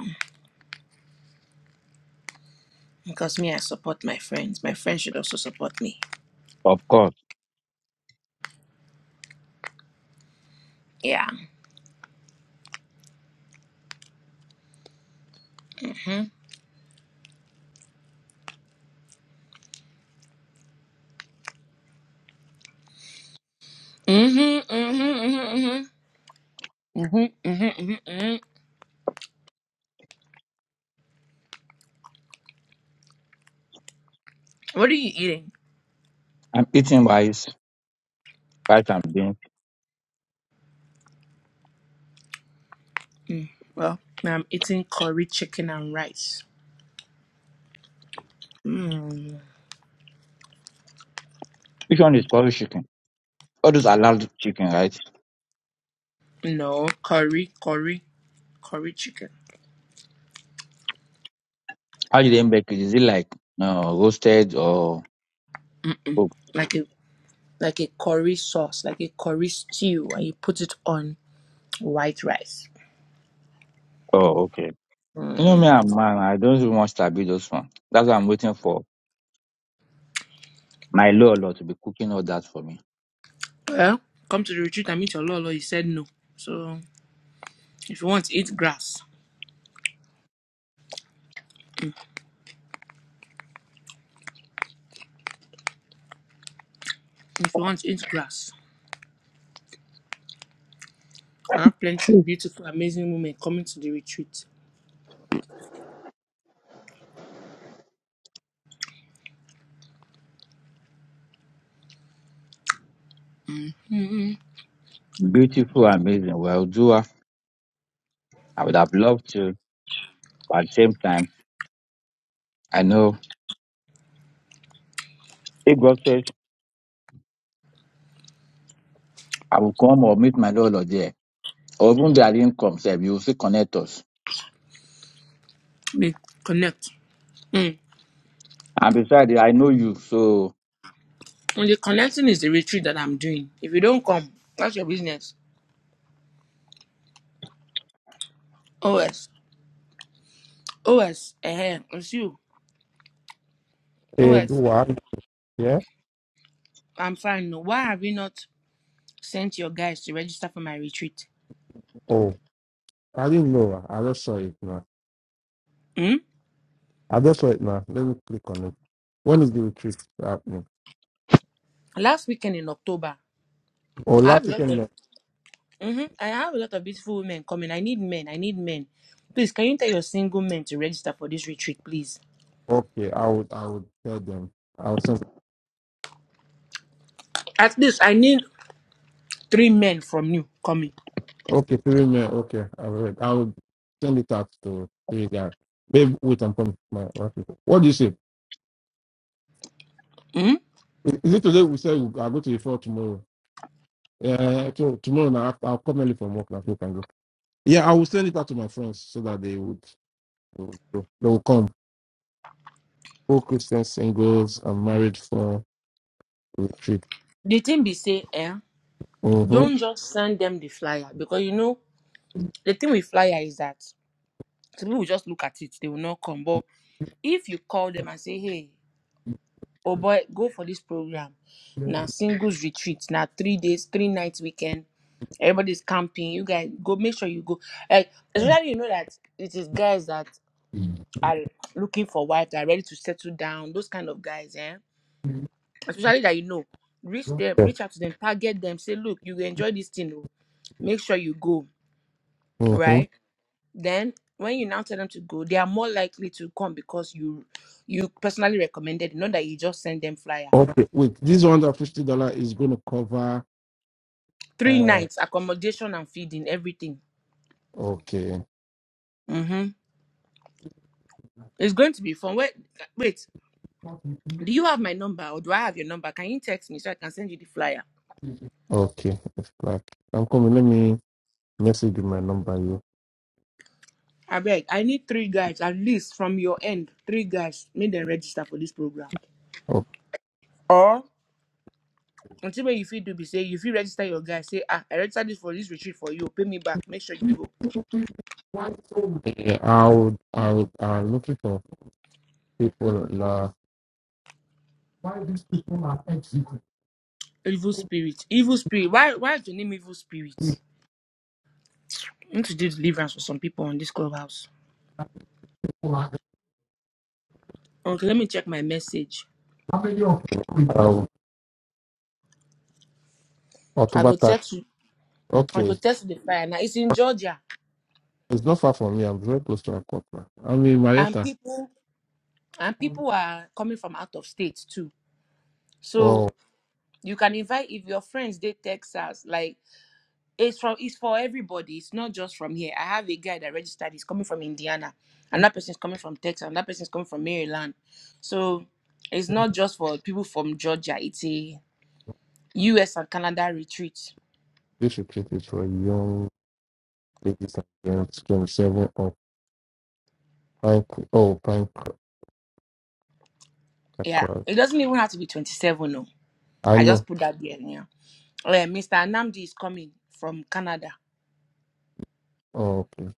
[SPEAKER 1] because me, I support my friends. My friends should also support me.
[SPEAKER 3] Of course.
[SPEAKER 1] Yeah. Mhm. hmm Mhm. hmm hmm hmm hmm hmm hmm What are you eating?
[SPEAKER 3] I'm eating rice, rice and beans.
[SPEAKER 1] Mm. Well, I'm eating curry chicken and rice. Mm.
[SPEAKER 3] Which one is curry chicken? All those allowed chicken, right?
[SPEAKER 1] No, curry, curry, curry chicken.
[SPEAKER 3] How do they make it? Is it like no roasted or
[SPEAKER 1] Mm-mm.
[SPEAKER 3] cooked?
[SPEAKER 1] Like a like a curry sauce, like a curry stew, and you put it on white rice.
[SPEAKER 3] Oh, okay. You know
[SPEAKER 1] Mm.
[SPEAKER 3] me, I'm man. I don't even want to be those one. That's what I'm waiting for my Lolo to be cooking all that for me.
[SPEAKER 1] Well, come to the retreat and meet your lolo. He said no. So if you want, to eat grass. If you want, to eat grass. I have plenty of
[SPEAKER 3] Mm.
[SPEAKER 1] beautiful, amazing women coming to the retreat. Mm-hmm.
[SPEAKER 3] Beautiful, amazing. Well, doer. I would have loved to, but at the same time, I know if God says I will come or meet my Lolo there. Or even though I didn't come, sef, you will still connect us
[SPEAKER 1] We connect. Mm.
[SPEAKER 3] And besides, I know you, so
[SPEAKER 1] And the connecting is the retreat that I'm doing. If you don't come, that's your business. OS. OS. Eh, it's you.
[SPEAKER 4] Hey, do
[SPEAKER 1] OS.
[SPEAKER 4] what? Yeah.
[SPEAKER 1] I'm fine. No. Why have you not sent your guys to register for my retreat?
[SPEAKER 4] Oh, I didn't know. I just saw it now.
[SPEAKER 1] Mm.
[SPEAKER 4] I just saw it now. Let me click on it. When is the retreat happening?
[SPEAKER 1] last weekend in October,
[SPEAKER 4] Oh,
[SPEAKER 1] I have
[SPEAKER 4] last
[SPEAKER 1] a lot
[SPEAKER 4] weekend.
[SPEAKER 1] of
[SPEAKER 4] no.
[SPEAKER 1] Mhm. I have a lot of beautiful women coming. I need men. I need men. Please, can you tell your single men to register for this retreat, please?
[SPEAKER 4] Okay, I would. I would tell them. I would send.
[SPEAKER 1] At least I need three men from you coming.
[SPEAKER 4] Okay, three minutes. Okay, I would. I would send it out to three guys. Babe, wait, I'm coming. to My office. What do you say?
[SPEAKER 1] hmm
[SPEAKER 4] Is is it today? We say we- I'll go to the floor tomorrow. Yeah, to, tomorrow now. I'll I'll come early from work. Now, so we can go. Yeah, I will send it out to my friends so that they would. They will they will come. All Christian singles are married for retreat.
[SPEAKER 1] The thing be say, eh,
[SPEAKER 4] Mm-hmm.
[SPEAKER 1] don't just send them the flyer because you know the thing with flyer is that some people will just look at it, they will not come. But if you call them and say, hey, oh boy, go for this program, now singles retreat, now three days, three nights weekend. Everybody's camping. You guys go make sure you go. Like especially you know that it is guys that are looking for wife that are ready to settle down. Those kind of guys, eh? Especially that you know, reach them,
[SPEAKER 4] Yeah.
[SPEAKER 1] reach out to them, target them, say, look, you will enjoy this thing. oh. Make sure you go,
[SPEAKER 4] Mm-hmm.
[SPEAKER 1] right? Then when you now tell them to go, they are more likely to come because you you personally recommended, not that you just send them flyer.
[SPEAKER 4] Okay. Wait, this one hundred fifty dollar is going to cover.
[SPEAKER 1] Three
[SPEAKER 4] Uh,
[SPEAKER 1] nights, accommodation and feeding, everything.
[SPEAKER 4] okay.
[SPEAKER 1] Mm-hmm. It's going to be fun. Wait, wait. Do you have my number or do I have your number? Can you text me so I can send you the flyer?
[SPEAKER 4] Okay. It's black. I'm coming. Let me message you my number. You.
[SPEAKER 1] I beg, I need three guys at least from your end. Three guys, make them register for this program.
[SPEAKER 4] Okay.
[SPEAKER 1] Or until when you feel do be say you feel register your guys, say ah, I register this for this retreat for you. Pay me back. Make sure you go.
[SPEAKER 4] Yeah, I would. I would. I'm looking for people. Uh, Why these people are executed?
[SPEAKER 1] Evil spirit, evil spirit. Why why is your name evil spirit? I need to do deliverance for some people on this clubhouse.
[SPEAKER 4] People are
[SPEAKER 1] Okay, let me check my message.
[SPEAKER 4] how many of them? Um,
[SPEAKER 1] I
[SPEAKER 4] October
[SPEAKER 1] go text you. I
[SPEAKER 4] Okay.
[SPEAKER 1] go text you the flyer. Now it's in Georgia,
[SPEAKER 4] It's not far from me. I'm very close to Aquapla. I'm in
[SPEAKER 1] and
[SPEAKER 4] Marietta.
[SPEAKER 1] people and people are coming from out of state too
[SPEAKER 4] Oh,
[SPEAKER 1] So you can invite if your friends they Texas, like it's from it's for everybody. It's not just from here. I have a guy that registered, he's coming from Indiana, and that person's coming from Texas, and that person's coming from Maryland. So it's not just for people from Georgia, it's a US and Canada retreat.
[SPEAKER 4] this retreat is for young ladies and girls, 27 or Pine Oh, Pine
[SPEAKER 1] Yeah.
[SPEAKER 4] Cr-
[SPEAKER 1] It doesn't even have to be 27, no.
[SPEAKER 4] I
[SPEAKER 1] I
[SPEAKER 4] know.
[SPEAKER 1] just put that there. Yeah. Uh, Mr. Anamdi is coming from Canada.
[SPEAKER 4] Oh, okay.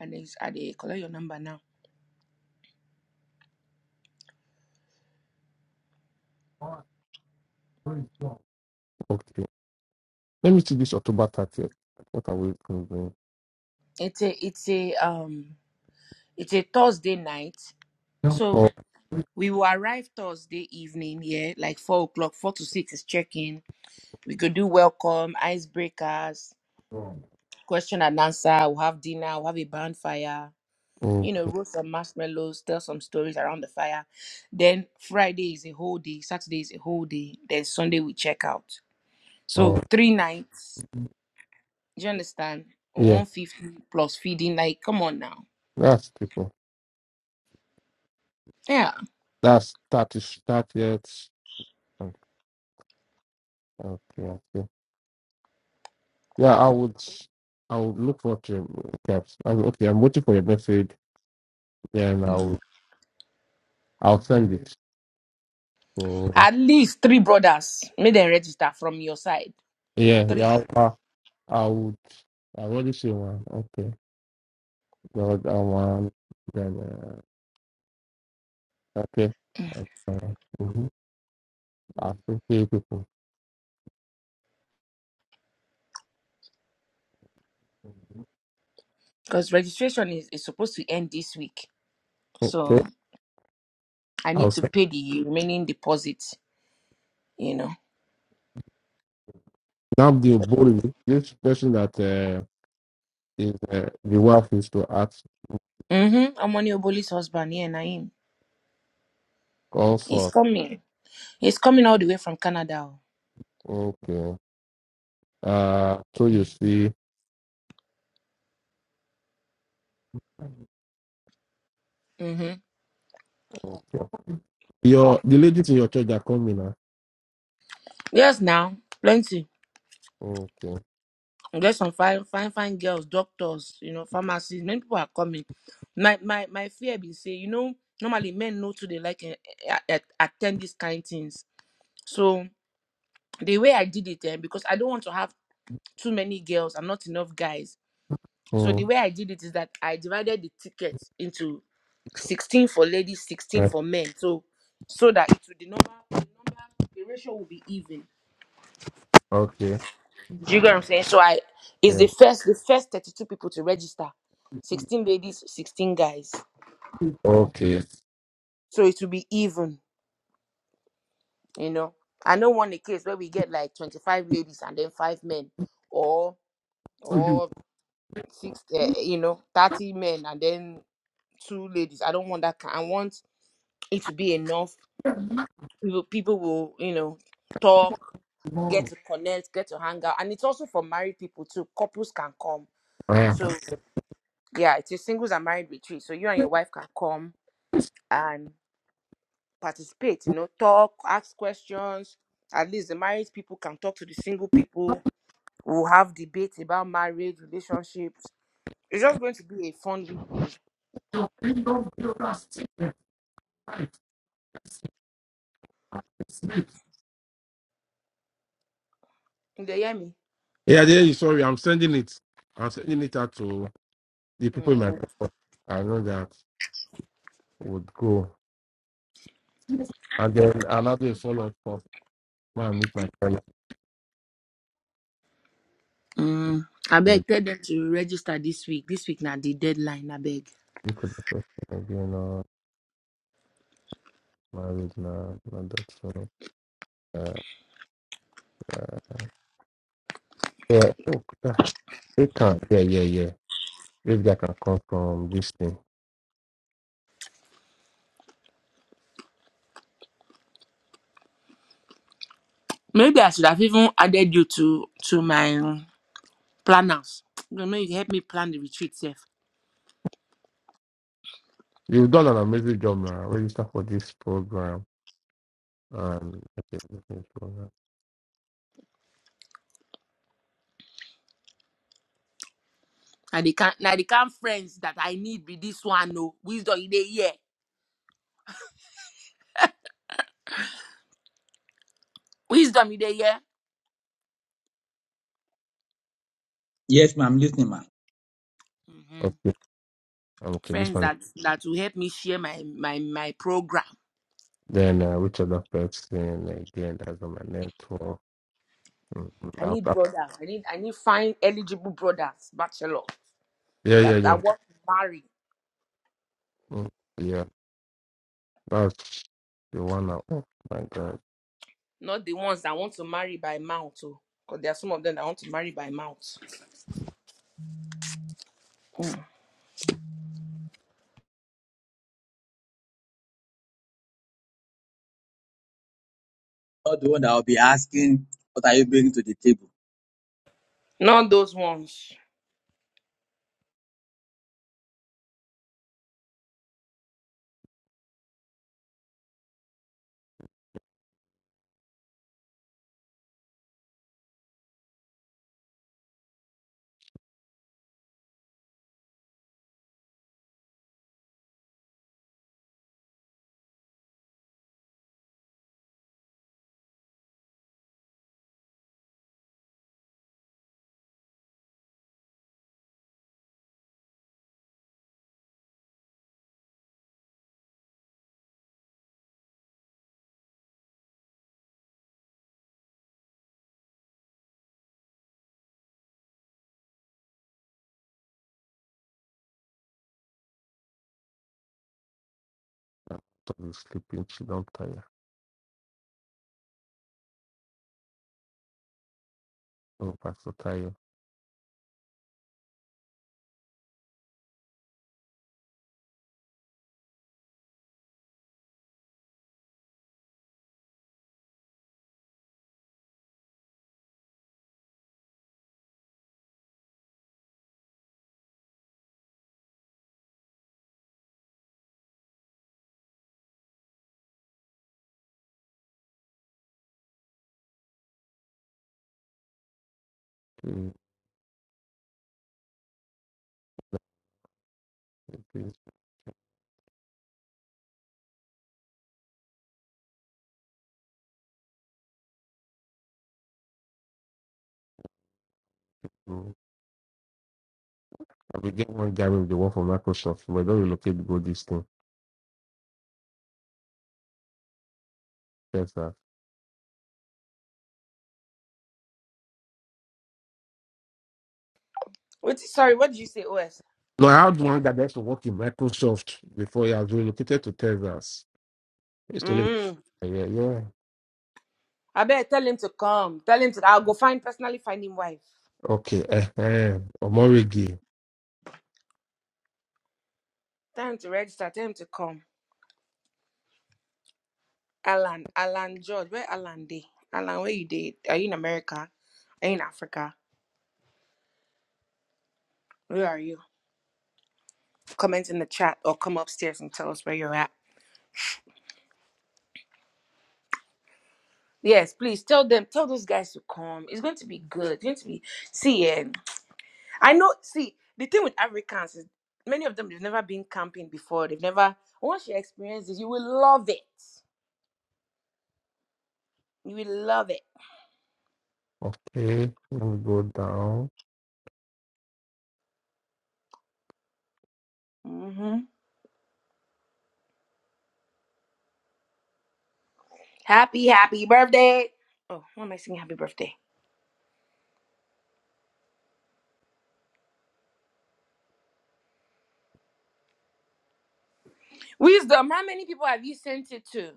[SPEAKER 1] And he's at the collect your number now.
[SPEAKER 4] Okay. Let me see this October 30th. What are we doing?
[SPEAKER 1] It's a it's a um it's a Thursday night. So
[SPEAKER 4] Oh,
[SPEAKER 1] We will arrive Thursday evening, yeah, like four o'clock, four to six is check-in. We could do welcome, icebreakers, question and answer. We'll have dinner, we'll have a bonfire,
[SPEAKER 4] oh,
[SPEAKER 1] you know, roast some marshmallows, tell some stories around the fire. Then Friday is a whole day, Saturday is a whole day, then Sunday we check out. So
[SPEAKER 4] oh,
[SPEAKER 1] three nights, do you understand?
[SPEAKER 4] yeah.
[SPEAKER 1] 150 plus feeding, like, come on now.
[SPEAKER 4] That's people.
[SPEAKER 1] Yeah.
[SPEAKER 4] That's 30, 30th. Okay, okay. okay. Yeah, I would. I would look for to caps. i okay, I'm waiting for your message. Then I'll
[SPEAKER 1] Mhm.
[SPEAKER 4] I'll send it. So
[SPEAKER 1] At least three brothers. Make them register from your side.
[SPEAKER 4] yeah,
[SPEAKER 1] Three.
[SPEAKER 4] yeah, I, I, I would. I already see one. Okay, God, I want. Then uh, okay, okay. Mm-hmm. I think three people.
[SPEAKER 1] because registration is, is supposed to end this week. So
[SPEAKER 4] Okay,
[SPEAKER 1] I need
[SPEAKER 4] I'll
[SPEAKER 1] to
[SPEAKER 4] send.
[SPEAKER 1] pay the remaining deposit, you know.
[SPEAKER 4] Now the boldly. This person that uh, is uh, the wife is to ask
[SPEAKER 1] Mm-hmm. I'm Oboli's husband, yeah, Naim.
[SPEAKER 4] all
[SPEAKER 1] He's
[SPEAKER 4] for.
[SPEAKER 1] coming. He's coming all the way from Canada. oh.
[SPEAKER 4] Okay. Uh, so you see,
[SPEAKER 1] Mm-hmm.
[SPEAKER 4] okay. your the ladies in your church are coming now.
[SPEAKER 1] Yes, now. Plenty.
[SPEAKER 4] Okay.
[SPEAKER 1] There's some fine, fine, fine girls, doctors, you know, pharmacists. Many people are coming. My my my fear be say, you know, normally men know to they like eh, eh, eh, attend these kind things. So the way I did it, eh, because I don't want to have too many girls and not enough guys. So the
[SPEAKER 4] Mm.
[SPEAKER 1] way I did it is that I divided the ticket into 16 for ladies, 16 for men. So so that it would the number, the number, the ratio will be even.
[SPEAKER 4] Okay.
[SPEAKER 1] Do you get what I'm saying? So I it's
[SPEAKER 4] Yeah.
[SPEAKER 1] the first the first 32 people to register. 16 ladies, 16 guys.
[SPEAKER 4] Okay. So
[SPEAKER 1] So it will be even, you know. I don't want a case where we get like 25 ladies and then five men or
[SPEAKER 4] you
[SPEAKER 1] or six uh, you know 30 men and then two ladies i don't want that ki- i want it to be enough people people will you know talk get
[SPEAKER 4] tomorrow.
[SPEAKER 1] to connect get to hang out and it's also for married people too couples can come so yeah it's a singles and married retreat so you and your wife can come and participate you know talk ask questions at least the married people can talk to the single people we'll have debates about marriage relationships it's just going to be a fun week
[SPEAKER 4] Yeah,
[SPEAKER 1] you hear me
[SPEAKER 4] there you sorry. I'm sending it. I'm sending it out to the people in my
[SPEAKER 1] mm.
[SPEAKER 4] network. I know that would go. And then another follow up for man meet my friend.
[SPEAKER 1] Mm. I beg. tell them to register this week this week now the deadline I beg.
[SPEAKER 4] Look at the person again uh married now, not that so uh, uh, yeah, oh, ah, they can yeah, yeah, yeah. This guy can come from this thing.
[SPEAKER 1] Maybe I should have even added you to to my um, planners. You know, you help me plan the retreat, sef.
[SPEAKER 4] You've done an amazing job man. Register for this program and okay, this is program.
[SPEAKER 1] Now they can now they can friends that I need be this one. No wisdom in the year, wisdom in the year.
[SPEAKER 3] Yes, ma'am, I'm listening, ma'am.
[SPEAKER 1] hmm
[SPEAKER 4] Okay, um, okay, this
[SPEAKER 1] Friends
[SPEAKER 4] one
[SPEAKER 1] that that will help me share my my my program.
[SPEAKER 4] Then uh, which other person again as on my network? Mm, mm,
[SPEAKER 1] I
[SPEAKER 4] I'll-
[SPEAKER 1] need
[SPEAKER 4] I'll-
[SPEAKER 1] brothers. I need I need fine eligible brothers, bachelor
[SPEAKER 4] yeah, yeah,
[SPEAKER 1] that I
[SPEAKER 4] yeah,
[SPEAKER 1] want to marry,
[SPEAKER 4] Mm, yeah. That's the one. I, oh my God,
[SPEAKER 1] not the ones that want to marry by mouth. Oh, because there are some of them that want to marry by mouth. Mm.
[SPEAKER 3] Not the one that will be asking, what are you bringing to the table?
[SPEAKER 1] Not those ones.
[SPEAKER 4] I'm totally sleeping. She don't tire. Oh, Pastor Tayo, please, please. mm. I begin one guy with the one from Microsoft, but I don't relocate go this thing. Texas.
[SPEAKER 1] Wait, sorry, what did you say, OS?
[SPEAKER 4] No, I had one guy that used to work in Microsoft before he was relocated to Texas. He used to live.
[SPEAKER 1] Mm.
[SPEAKER 4] Yeah, yeah.
[SPEAKER 1] I better tell him to come. Tell him to. I'll go find personally find him wife.
[SPEAKER 4] Okay. Uh-huh. Omorigi.
[SPEAKER 1] Tell him to register. Tell him to come. Alan, Alan George, where Alan day? Alan, where you did? Are you in America? Are you in Africa? Where are you? Comment in the chat or come upstairs and tell us where you're at. Yes, please tell them. Tell those guys to come. It's going to be good. It's going to be. See, eh, I know. See, the thing with Africans is many of them they've never been camping before. They've never. Once you experience it, you will love it. You will love it.
[SPEAKER 4] Okay. Let me go down.
[SPEAKER 1] Hmm. Happy, happy birthday. Oh, why am I singing happy birthday? Wisdom, how many people have you sent it to?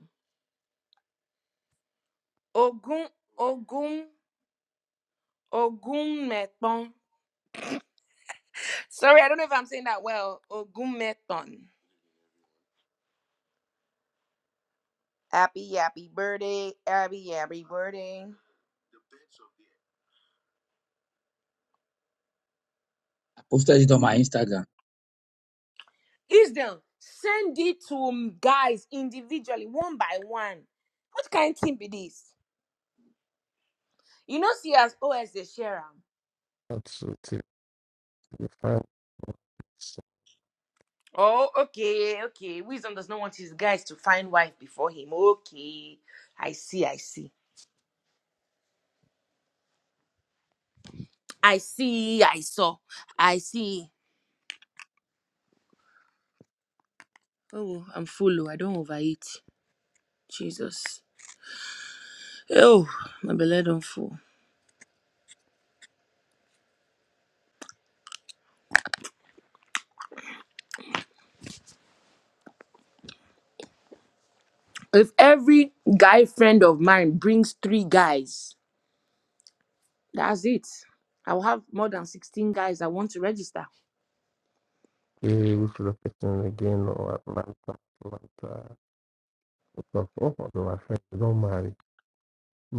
[SPEAKER 1] Ogun, Ogun, Ogunmeton. Sorry, I don't know if I'm saying that well. Ogunmeton. Happy, happy birthday. Happy, happy birthday.
[SPEAKER 3] I posted it on my Instagram.
[SPEAKER 1] Wisdom, send it to guys individually, one by one. What kind of thing be this? You know, see as OS the sharer.
[SPEAKER 4] Absolutely fine.
[SPEAKER 1] Oh, okay, okay. Wisdom does not want his guys to find wife before him. Okay. I see, I see. I see, I saw. I see. Oh, I'm full. oh, I don't overeat. Jesus. Oh, my belly don't full. If every guy friend of mine brings three guys, that's it. I'll have more than 16 guys I want to register.
[SPEAKER 4] Yeah, we should have taken again or Atlanta, Atlanta. Because all of my friends don't marry.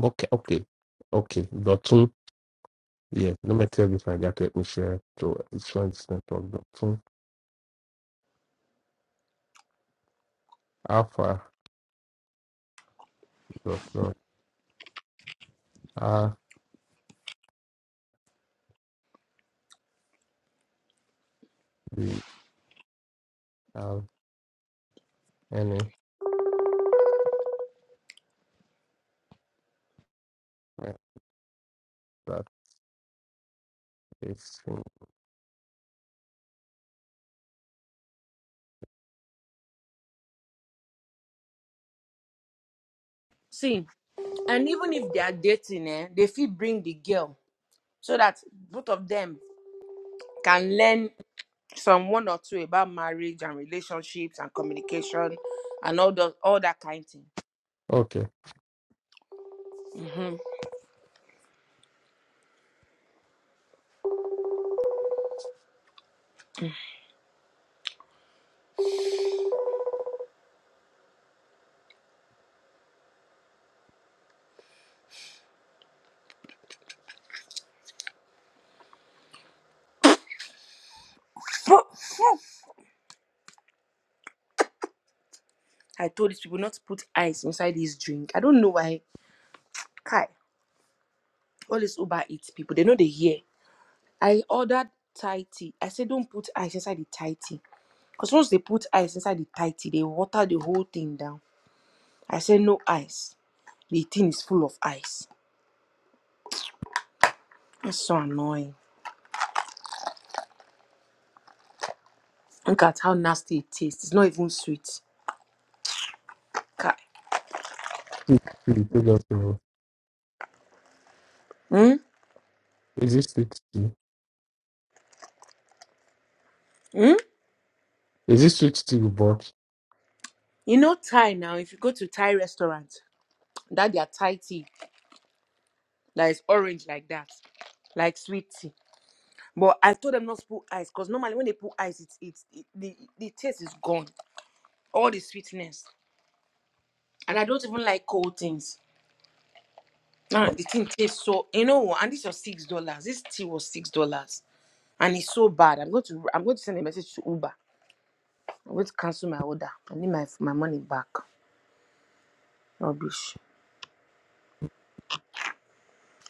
[SPEAKER 4] Okay, okay, okay. Dotun, yeah. Let me tell you, if I got to me share to each one extent of Dotun. Alpha, Dotun, R, B, L, any friend that is in-
[SPEAKER 1] See, and even if they are dating, eh, they feel bring the girl so that both of them can learn some one or two about marriage and relationships and communication and all the all that kind thing.
[SPEAKER 4] Okay.
[SPEAKER 1] Mhm. But yeah, I told these people not to put ice inside this drink. I don't know why. Kai, all these Uber Eats people, they know they hear. I ordered Thai tea. I said don't put ice inside the Thai tea. Because once they put ice inside the Thai tea, they water the whole thing down. I said no ice. The thing is full of ice. That's so annoying. Look at how nasty it tastes. It's not even sweet. Kai.
[SPEAKER 4] Please, please, take us to
[SPEAKER 1] Hmm.
[SPEAKER 4] Is this sweet tea?
[SPEAKER 1] Hmm?
[SPEAKER 4] Is this sweet tea you bought?
[SPEAKER 1] You know Thai now, if you go to Thai restaurant, that their Thai tea that is orange like that, like sweet tea. But I told them not to put ice because normally when they put ice, it's it's it, the the taste is gone, all the sweetness. And I don't even like cold things. Ah,
[SPEAKER 4] Oh,
[SPEAKER 1] the thing tastes so you know. And this was six dollars. This tea was six dollars, and it's so bad. I'm going to I'm going to send a message to Uber. I'm going to cancel my order. I need my my money back. Rubbish.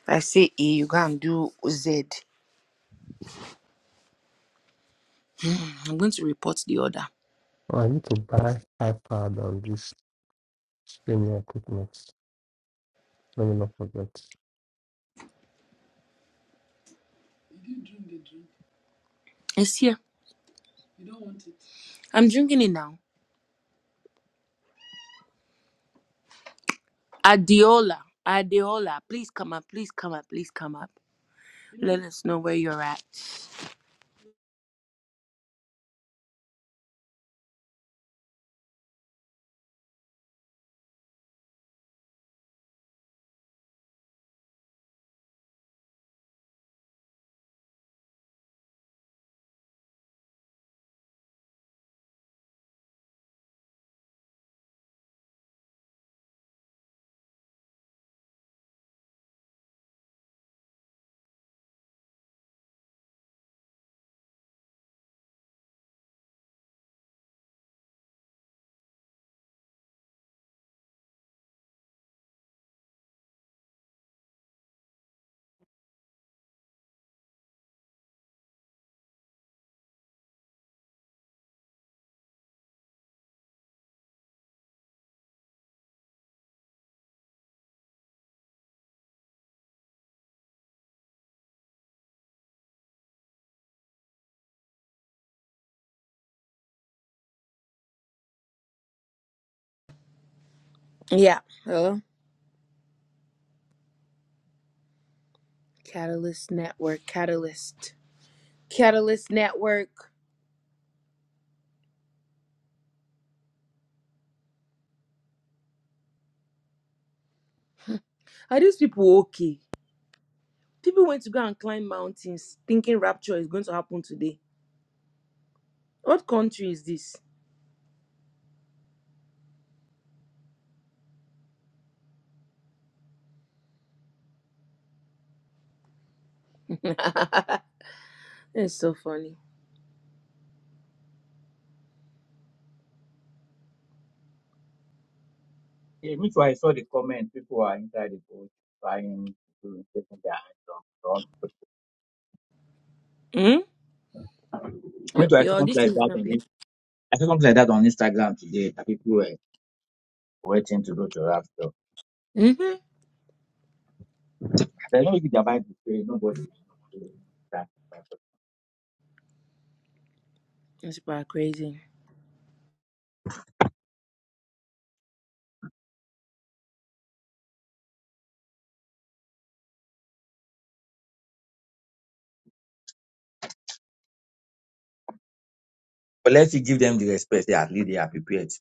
[SPEAKER 1] If I say A, you go and do Z. I'm going to report the order.
[SPEAKER 4] I need to buy iPad on this streaming equipment. Let me not forget.
[SPEAKER 1] It's here. I'm drinking it now. Adeola, Adeola, Please come up. Please come up. Please come up. Let us know where you're at. Yeah. Hello? Catalyst Network. Catalyst. Catalyst Network. Are these people okay? People went to go and climb mountains thinking rapture is going to happen today. What country is this? It's so funny.
[SPEAKER 3] yeah, me too. I saw the comment. People are inside the boat trying to take their hands off. Don't.
[SPEAKER 1] Hmm?
[SPEAKER 3] put- Me
[SPEAKER 1] Yo,
[SPEAKER 3] too. I saw
[SPEAKER 1] yo, this
[SPEAKER 3] something like
[SPEAKER 1] thing is
[SPEAKER 3] that
[SPEAKER 1] not
[SPEAKER 3] on.
[SPEAKER 1] playing.
[SPEAKER 3] In- I saw something like that on Instagram today. That people were waiting to go to rapture.
[SPEAKER 1] Mm-hmm.
[SPEAKER 3] They know if they are buying the trade, nobody. will know. That- that-
[SPEAKER 1] It's about crazy.
[SPEAKER 3] But let's give them the respect. They are, at least they are prepared.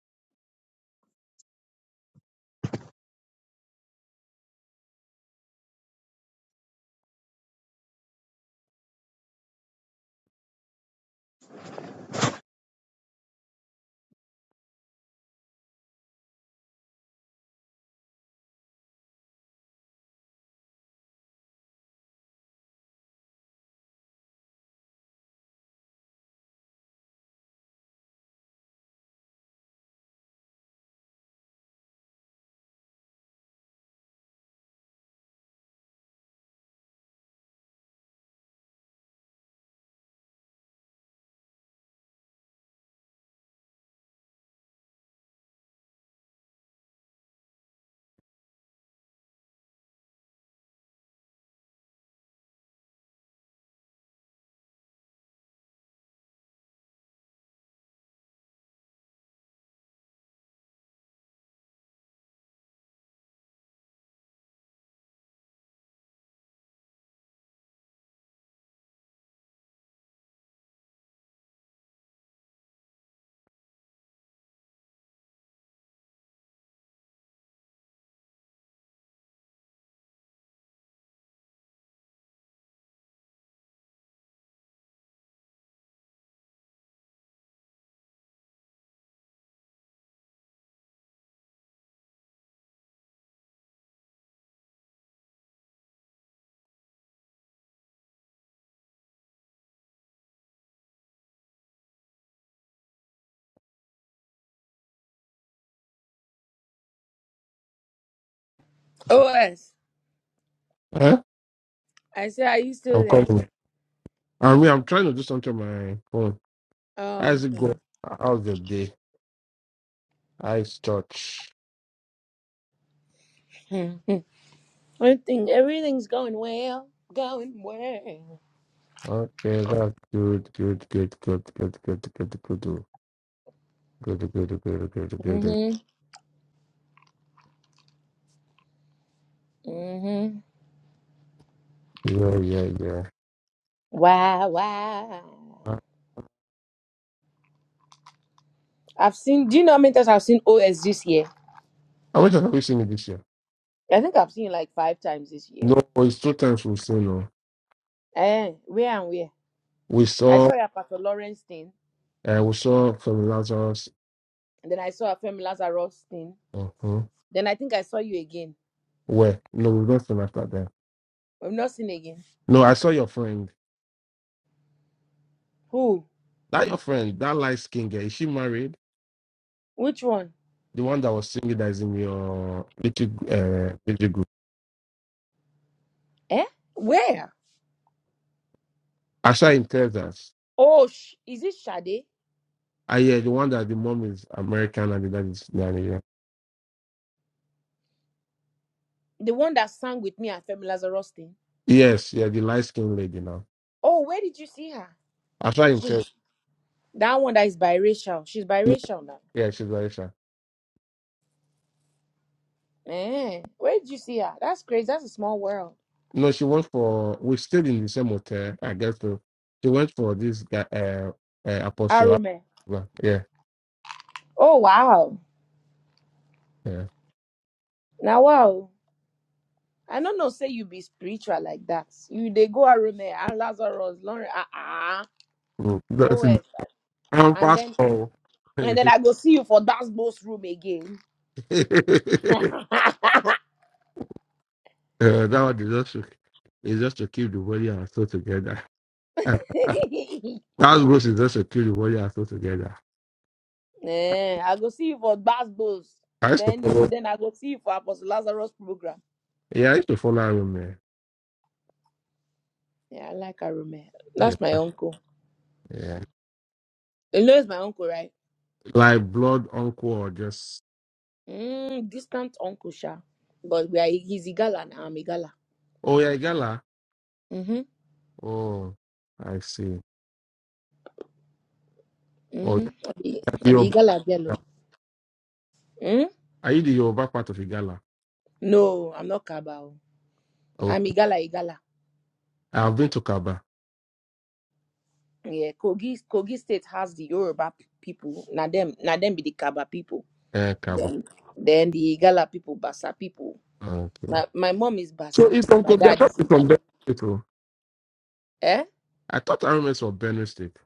[SPEAKER 1] OS.
[SPEAKER 4] Huh?
[SPEAKER 1] I said, are you
[SPEAKER 4] I'm
[SPEAKER 1] still there?
[SPEAKER 4] calling. I mean, I'm trying to do something on my phone.
[SPEAKER 1] Oh.
[SPEAKER 4] How's it going? How's the day? How's church?
[SPEAKER 1] I think everything's going well, going well.
[SPEAKER 4] Okay, that's good, good, good, good, good, good, good, good, good, good, good, good, good.
[SPEAKER 1] Mhm, mhm.
[SPEAKER 4] Yeah, yeah, yeah.
[SPEAKER 1] Wow, wow.
[SPEAKER 4] Uh,
[SPEAKER 1] I've seen. Do you know how many times I've seen OS this year?
[SPEAKER 4] How much have we seen it this year?
[SPEAKER 1] I think I've seen it like five times this year.
[SPEAKER 4] No, it's two times we've seen. No,
[SPEAKER 1] Eh, where and where?
[SPEAKER 4] we
[SPEAKER 1] I
[SPEAKER 4] saw,
[SPEAKER 1] saw you at Pastor Lawrence thing,
[SPEAKER 4] uh, we saw from Lazarus.
[SPEAKER 1] and then I saw a Femi Lazarus thing.
[SPEAKER 4] Uh-huh.
[SPEAKER 1] Then I think I saw you again.
[SPEAKER 4] Where? No, we don't seen after that.
[SPEAKER 1] I've not seen again.
[SPEAKER 4] No, I saw your friend.
[SPEAKER 1] Who?
[SPEAKER 4] That your friend, that light skin girl. Is she married?
[SPEAKER 1] Which one?
[SPEAKER 4] the one that was singing that is in your little uh little group.
[SPEAKER 1] Eh? Where?
[SPEAKER 4] Asha tells us.
[SPEAKER 1] Oh, sh- is it Shade?
[SPEAKER 4] I hear the one that the mom is American and the dad is Nigerian.
[SPEAKER 1] The one that sang with me at Femi Lazarus thing?
[SPEAKER 4] Yes, yeah, the light skinned lady now.
[SPEAKER 1] Oh, where did you see her?
[SPEAKER 4] Asha tells
[SPEAKER 1] That one that is biracial. She's
[SPEAKER 4] us,
[SPEAKER 1] biracial now.
[SPEAKER 4] yeah, she's Aisha.
[SPEAKER 1] Man, where did you see her? That's crazy. That's a small world.
[SPEAKER 4] No, she went for we stayed in the same hotel, I guess so. She went for this guy uh, uh apostle.
[SPEAKER 1] Arume.
[SPEAKER 4] Well, Yeah,
[SPEAKER 1] Oh wow.
[SPEAKER 4] yeah.
[SPEAKER 1] Now wow. I don't know. Say you be spiritual like that. You they go Arume and Lazarus, Lauren. Ah ah.
[SPEAKER 4] Mm.
[SPEAKER 1] Oh
[SPEAKER 4] That's in
[SPEAKER 1] yes.
[SPEAKER 4] I'm
[SPEAKER 1] And
[SPEAKER 4] pastor.
[SPEAKER 1] then
[SPEAKER 4] uh,
[SPEAKER 1] and then
[SPEAKER 4] that
[SPEAKER 1] I go see you for that boss room again.
[SPEAKER 4] one is just to, is just to keep the body and soul together. That's good. Is just a cute what you are so together.
[SPEAKER 1] Eh, I go see you for that boss.
[SPEAKER 4] I used to
[SPEAKER 1] Then you,
[SPEAKER 4] follow.
[SPEAKER 1] then I go see you for Apostle Lazarus program.
[SPEAKER 4] Yeah, I used to follow him, man.
[SPEAKER 1] Yeah, I like Arume.
[SPEAKER 4] Yeah,
[SPEAKER 1] That's my uncle.
[SPEAKER 4] yeah.
[SPEAKER 1] You know it's my uncle, right?
[SPEAKER 4] Like blood uncle or just.
[SPEAKER 1] Mm, distant uncle, sha. But we are he's Igala and I'm Igala.
[SPEAKER 4] Oh yeah, Igala.
[SPEAKER 1] Mm-hmm.
[SPEAKER 4] Oh, I see. Oh,
[SPEAKER 1] Mm-hmm.
[SPEAKER 4] the
[SPEAKER 1] I'm
[SPEAKER 4] Yoruba.
[SPEAKER 1] Igala Bello. Mm?
[SPEAKER 4] Are you the Yoruba part of Igala?
[SPEAKER 1] No, I'm not Kabao. I'm
[SPEAKER 4] Okay.
[SPEAKER 1] Igala Igala.
[SPEAKER 4] I've been to Kaba.
[SPEAKER 1] Yeah, Kogi Kogi State has the Yoruba p- people. Na them Na them be the Kaba people.
[SPEAKER 4] Eh, Kaba.
[SPEAKER 1] Then then the Igala people, Basa people.
[SPEAKER 4] Okay.
[SPEAKER 1] My, my mom is
[SPEAKER 4] So
[SPEAKER 1] Basa.
[SPEAKER 4] it's
[SPEAKER 1] and My
[SPEAKER 4] Uncle. Bi- I
[SPEAKER 1] dad
[SPEAKER 4] thought
[SPEAKER 1] is
[SPEAKER 4] it's from
[SPEAKER 1] Igala.
[SPEAKER 4] Benue State. oh.
[SPEAKER 1] Eh?
[SPEAKER 4] I thought I remember it's from Benue State.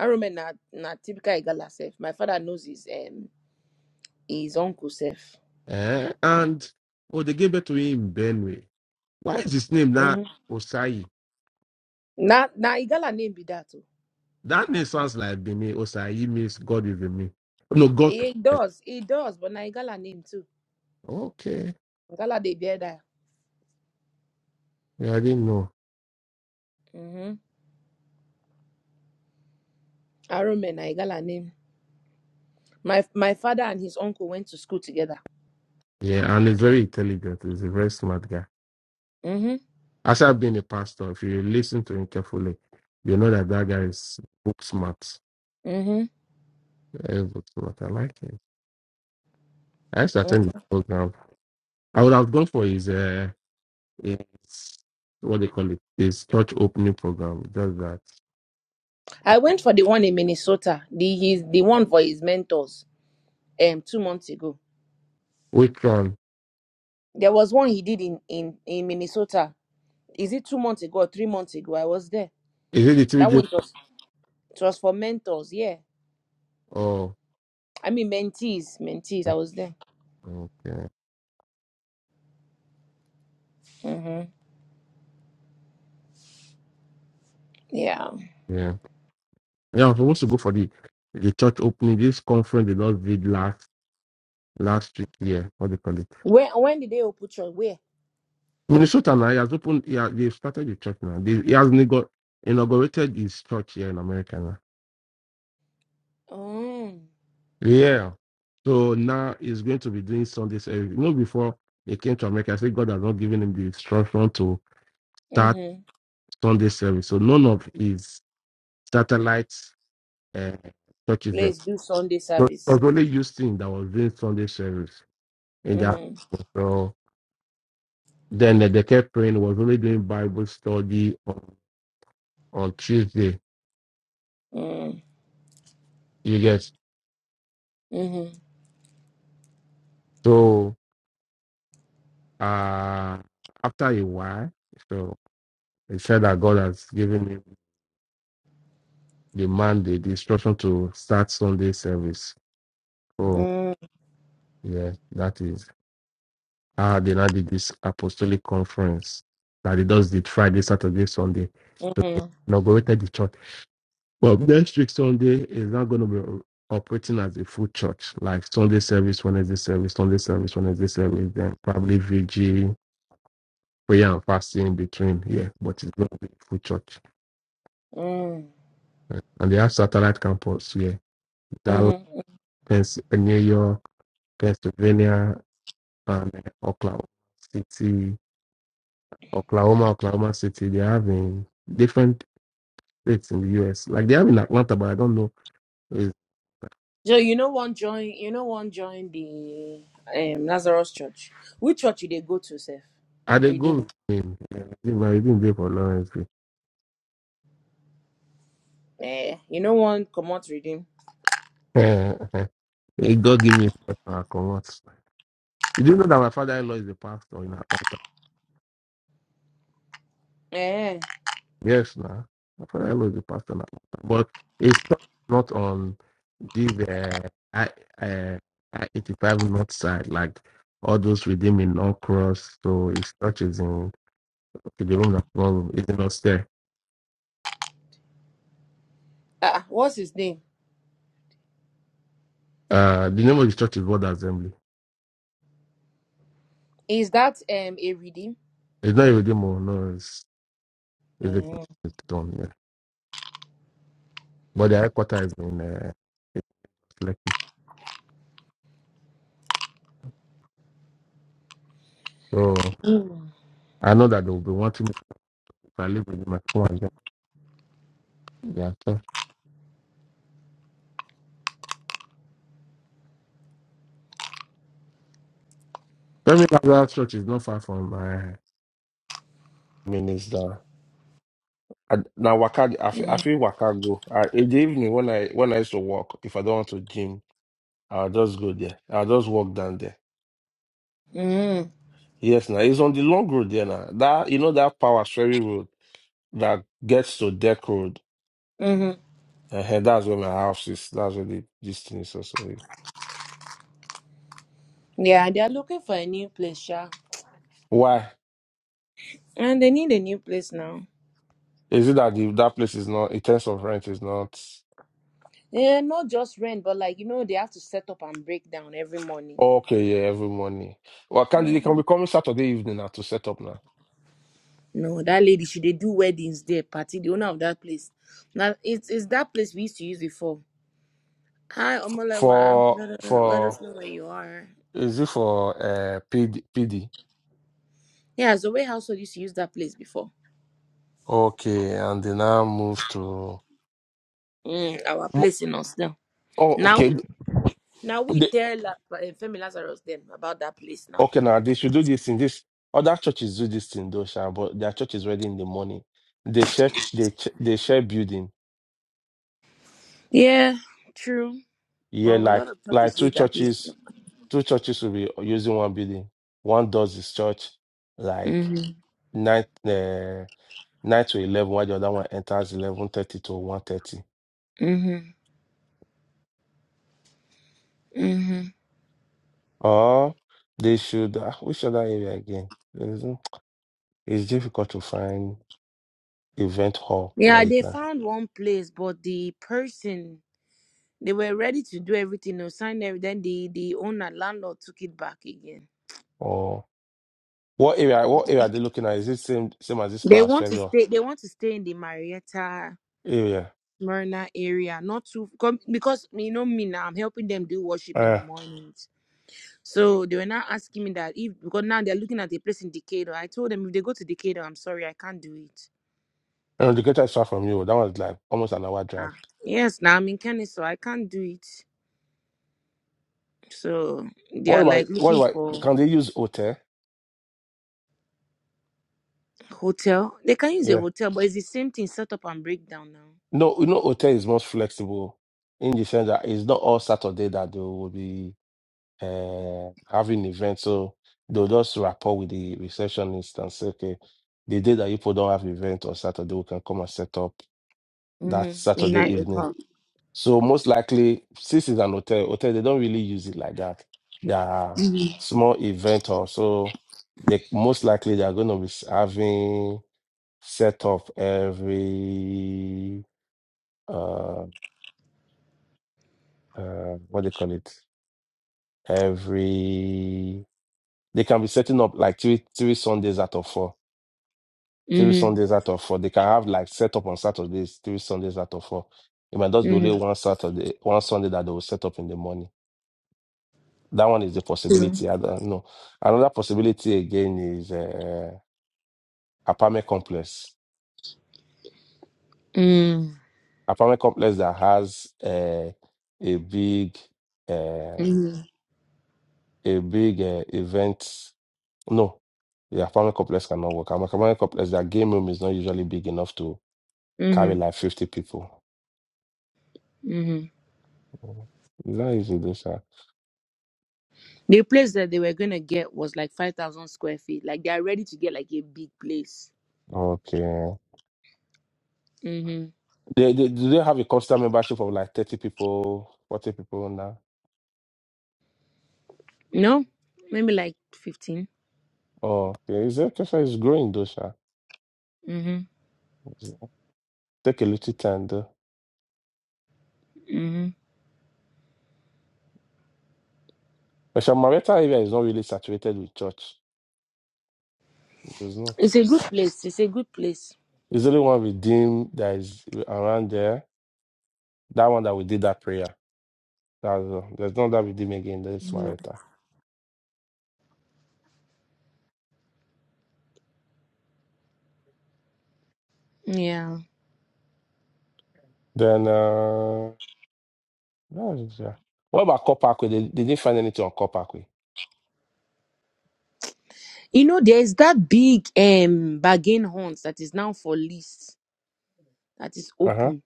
[SPEAKER 1] I remember na, na typical Igala self. My father knows his um his uncle self.
[SPEAKER 4] Eh, and oh, they gave birth to him in Benue. Why is his name now
[SPEAKER 1] Mm-hmm.
[SPEAKER 4] Osai?
[SPEAKER 1] Na na Igala name be that.
[SPEAKER 4] That name sounds like Bimi Osayi means God is with me. No, God.
[SPEAKER 1] It does, it does, but Naigala name too.
[SPEAKER 4] Okay.
[SPEAKER 1] Ngala they bear that.
[SPEAKER 4] Yeah, I didn't know.
[SPEAKER 1] Mm-hmm. I remember Naigala name. My my father and his uncle went to school together.
[SPEAKER 4] Yeah, and he's very intelligent. He's a very smart guy.
[SPEAKER 1] Mm-hmm.
[SPEAKER 4] As I've been a pastor, if you listen to him carefully, you know that that guy is book smart.
[SPEAKER 1] Mm-hmm.
[SPEAKER 4] Very book smart. I like him. I used to
[SPEAKER 1] mm-hmm.
[SPEAKER 4] attend his program. I would have gone for his, uh, his what they call it, his church opening program. Does that.
[SPEAKER 1] I went for the one in Minnesota, the his the one for his mentors, um, two months ago.
[SPEAKER 4] Which one?
[SPEAKER 1] There was one he did in in in Minnesota. Is it two months ago or three months ago? I was there.
[SPEAKER 4] Is it the three
[SPEAKER 1] That
[SPEAKER 4] days?
[SPEAKER 1] one was it was for mentors. Yeah,
[SPEAKER 4] Oh,
[SPEAKER 1] I mean mentees, mentees. I was there.
[SPEAKER 4] okay.
[SPEAKER 1] Mm-hmm. Yeah.
[SPEAKER 4] Yeah. Yeah, I'm supposed to go for the the church opening. This conference they just did last last week here. What they call it?
[SPEAKER 1] When when did they open? church? Where?
[SPEAKER 4] Minnesota now he has opened. Yeah, they started the church now. They, he has inaugura- inaugurated his church here in America now.
[SPEAKER 1] Oh.
[SPEAKER 4] Yeah. So now he's going to be doing Sundays every. You know, before he came to America, I said God has not given him the instruction to start
[SPEAKER 1] Mm-hmm.
[SPEAKER 4] Sunday service. So none of his satellite uh, churches there.
[SPEAKER 1] Please do Sunday
[SPEAKER 4] So it
[SPEAKER 1] service.
[SPEAKER 4] was only Houston that was doing Sunday service in that.
[SPEAKER 1] Mm-hmm.
[SPEAKER 4] so Then the, the kept praying, was only doing Bible study on, on Tuesday.
[SPEAKER 1] Mm-hmm.
[SPEAKER 4] You guess. So uh after a while, so he said that God has given him the mandate, the instruction to start Sunday service. So
[SPEAKER 1] Mm-hmm.
[SPEAKER 4] yeah, that is how they now did this apostolic conference that he does the Friday, Saturday, Sunday. So
[SPEAKER 1] Mm-hmm.
[SPEAKER 4] inaugurated the church Well, next week Sunday is not going to be operating as a full church, like Sunday service, Wednesday service, Sunday service, Wednesday service, then probably VG, prayer and fasting in between. Yeah, but it's going to be a full church. Uh, And they have satellite campus here, yeah, Dallas,
[SPEAKER 1] Mm-hmm.
[SPEAKER 4] Pens- New York, Pennsylvania, and uh, Oklahoma City, Oklahoma, Oklahoma City. They have in different states in the US. Like they have in Atlanta, but I don't know. Is,
[SPEAKER 1] So you know one join you know one join the um Lazarus Church. Which church you they go to, Seth?
[SPEAKER 4] are they
[SPEAKER 1] Redeem.
[SPEAKER 4] going? yeah, I didn't I didn't go for Lawrence.
[SPEAKER 1] Eh. You know one come out redeem.
[SPEAKER 4] Eh, eh. Eh, God give me first and I convert. You didn't know that my father-in-law is a pastor in Atlanta.
[SPEAKER 1] Eh.
[SPEAKER 4] Yes, now my father-in-law is a pastor in Atlanta, but it's not on this uh, I uh, I eighty five north side like all those redeemed in North Cross. So his church is in okay, the room that's not room is in upstairs.
[SPEAKER 1] Ah, what's his name?
[SPEAKER 4] Uh, the name of the church is Word Assembly.
[SPEAKER 1] Is that um a redeem?
[SPEAKER 4] It's not a redeemed, one, no, it's it's a
[SPEAKER 1] Eh.
[SPEAKER 4] it's done. Yeah. But the headquarters is in uh, it's Lekki. So
[SPEAKER 1] Mm.
[SPEAKER 4] I know that they'll be wanting me to if I live within my phone and get yeah. So Femi Lazarus Church is not far from my Minister. I- Now waka, I feel, I
[SPEAKER 1] Mm.
[SPEAKER 4] feel waka go. I, in the evening when I when I used to walk, if I don't want to gym, I'll just go there. I'll just walk down there.
[SPEAKER 1] Mm.
[SPEAKER 4] Yes, now it's on the long road there now. That you know that power ferry road that gets to Deck Road.
[SPEAKER 1] Mm-hmm.
[SPEAKER 4] uh that's where my house is. That's where the this thing is. So sorry.
[SPEAKER 1] Yeah, they are looking for a new place, yeah.
[SPEAKER 4] Why
[SPEAKER 1] And they need a new place now.
[SPEAKER 4] is it that the, that place is not in terms of rent is not?
[SPEAKER 1] Yeah, not just rent, but like you know, they have to set up and break down every morning.
[SPEAKER 4] Okay, yeah, every morning. Well, can they can
[SPEAKER 1] Mm.
[SPEAKER 4] be coming Saturday evening now to set up now.
[SPEAKER 1] No, that lady, she they do weddings there, party, the owner of that place. Now it's it's that place we used to use before. Hi, Omolewa.
[SPEAKER 4] For
[SPEAKER 1] Let, us- let us
[SPEAKER 4] for
[SPEAKER 1] know where you are.
[SPEAKER 4] is it for uh PD PD?
[SPEAKER 1] Yeah, so way household used to use that place before.
[SPEAKER 4] Okay, and they now move to
[SPEAKER 1] Mm, our
[SPEAKER 4] Mo-
[SPEAKER 1] place in us now.
[SPEAKER 4] oh
[SPEAKER 1] Now
[SPEAKER 4] okay.
[SPEAKER 1] now we
[SPEAKER 4] They,
[SPEAKER 1] tell La, uh, Femi Lazarus then about that place now.
[SPEAKER 4] okay now they should do this in this other churches do this in though, sha, but their church is ready in the morning. They share they ch- they share building.
[SPEAKER 1] Yeah, true.
[SPEAKER 4] Yeah,
[SPEAKER 1] Well, a lot
[SPEAKER 4] like
[SPEAKER 1] of
[SPEAKER 4] like
[SPEAKER 1] parties
[SPEAKER 4] two
[SPEAKER 1] use that place. now.
[SPEAKER 4] churches two churches will be using one building. One does his church, like. nine uh, nine to eleven, while the other one enters eleven thirty to one thirty.
[SPEAKER 1] Mm-hmm. Mm-hmm.
[SPEAKER 4] Or they should ah, which other area again? There isn't- It's difficult to find event hall that
[SPEAKER 1] Yeah,
[SPEAKER 4] you
[SPEAKER 1] they
[SPEAKER 4] can.
[SPEAKER 1] found one place, but the person they were ready to do everything or sign everything. Then the the owner landlord took it back again.
[SPEAKER 4] Or what area? What area are they looking at? Is it same same as this
[SPEAKER 1] They want to
[SPEAKER 4] Australia
[SPEAKER 1] stay. They want to stay in the Marietta
[SPEAKER 4] area?
[SPEAKER 1] Smyrna area, not too com- because you know me now. I'm helping them do worship in the
[SPEAKER 4] Uh,
[SPEAKER 1] mornings. So they were now asking me that if because now they're looking at a place in Decatur. I told them if they go to Decatur, I'm sorry, I can't do it.
[SPEAKER 4] and the greatest far from you. That one's like almost an hour drive.
[SPEAKER 1] Ah, yes, now I'm in Kennesaw, I can't do it. So they
[SPEAKER 4] What
[SPEAKER 1] are
[SPEAKER 4] about
[SPEAKER 1] like
[SPEAKER 4] what
[SPEAKER 1] looking
[SPEAKER 4] about?
[SPEAKER 1] for.
[SPEAKER 4] Can they use hotel?
[SPEAKER 1] Hotel. They can use a
[SPEAKER 4] Yeah.
[SPEAKER 1] hotel, but it's the same thing set up and breakdown
[SPEAKER 4] No, you know, hotel is most flexible in the sense that it's not all Saturday that they will be. uh, having events. So they'll just rapport with the receptionist and say, okay, the day that you people don't have event on Saturday, we can come and set up
[SPEAKER 1] now.
[SPEAKER 4] that
[SPEAKER 1] Mm-hmm. A
[SPEAKER 4] Saturday
[SPEAKER 1] night with
[SPEAKER 4] evening.
[SPEAKER 1] her.
[SPEAKER 4] So most likely, since it's an hotel, hotel they don't really use it like that. They are
[SPEAKER 1] Mm-hmm.
[SPEAKER 4] small event or so. They most likely they are going to be s- having set up every uh uh what they call it every they can be setting up like three three Sundays out of four three
[SPEAKER 1] Mm-hmm.
[SPEAKER 4] Sundays out of four. They can have like set up on Saturdays, three Sundays out of four. It might just be only one Saturday, one Sunday that they will set up in the morning. That one is the
[SPEAKER 1] Mm-hmm.
[SPEAKER 4] possibility. I don't know. Another possibility again is uh, apartment complex.
[SPEAKER 1] Mm-hmm.
[SPEAKER 4] Apartment complex that has uh, a big, uh,
[SPEAKER 1] Mm-hmm.
[SPEAKER 4] a big uh, event. No, the apartment complex cannot work. Apartment complex, their game room is not usually big enough to carry like fifty people.
[SPEAKER 1] Mm-hmm.
[SPEAKER 4] Mhm. Is that easy, this?
[SPEAKER 1] The place that they were gonna get was like five thousand square feet. Like they are ready to get like a big place.
[SPEAKER 4] Okay.
[SPEAKER 1] Mm-hmm.
[SPEAKER 4] They, they do they have a constant membership of like thirty people, forty people now?
[SPEAKER 1] No? Maybe like fifteen.
[SPEAKER 4] Oh, yeah, is education is growing though, sha.
[SPEAKER 1] Mm-hmm.
[SPEAKER 4] It's- Take a little time though.
[SPEAKER 1] Mm-hmm.
[SPEAKER 4] But Shamareta area is not really saturated with church. It's not.
[SPEAKER 1] It's a good place. It's a good place.
[SPEAKER 4] It's only one redeem that is around there. That one that we did that prayer. That's all. There's no that redeem again. That's
[SPEAKER 1] Mhm.
[SPEAKER 4] Mareta.
[SPEAKER 1] Yeah.
[SPEAKER 4] Then uh, that is, yeah. What about Copacwe? They, they didn't find anything on Copacwe.
[SPEAKER 1] You know, there is that big um bargain hunt that is now for lease that is
[SPEAKER 4] Uh huh.
[SPEAKER 1] open.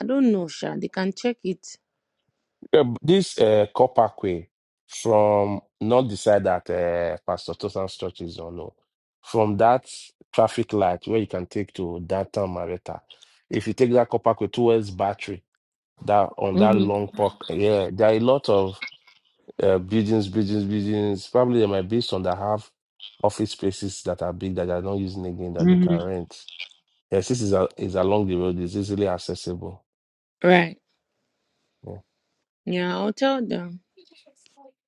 [SPEAKER 1] I don't know, Sha. They can check it.
[SPEAKER 4] Yeah, b- this uh, copper from not the side that uh, Pastor Tosan's church is on, no. From that traffic light where you can take to downtown Marietta, if you take that copper towards Battery, that on that
[SPEAKER 1] hmm
[SPEAKER 4] long park, yeah, there are a lot of uh, buildings, buildings, buildings. Probably there might be some that have office spaces that are big that they are not using again that they can
[SPEAKER 1] hmm
[SPEAKER 4] rent. Yes, this is a, is along the road. It's easily accessible.
[SPEAKER 1] Right.
[SPEAKER 4] Yeah.
[SPEAKER 1] Yeah, I'll tell them.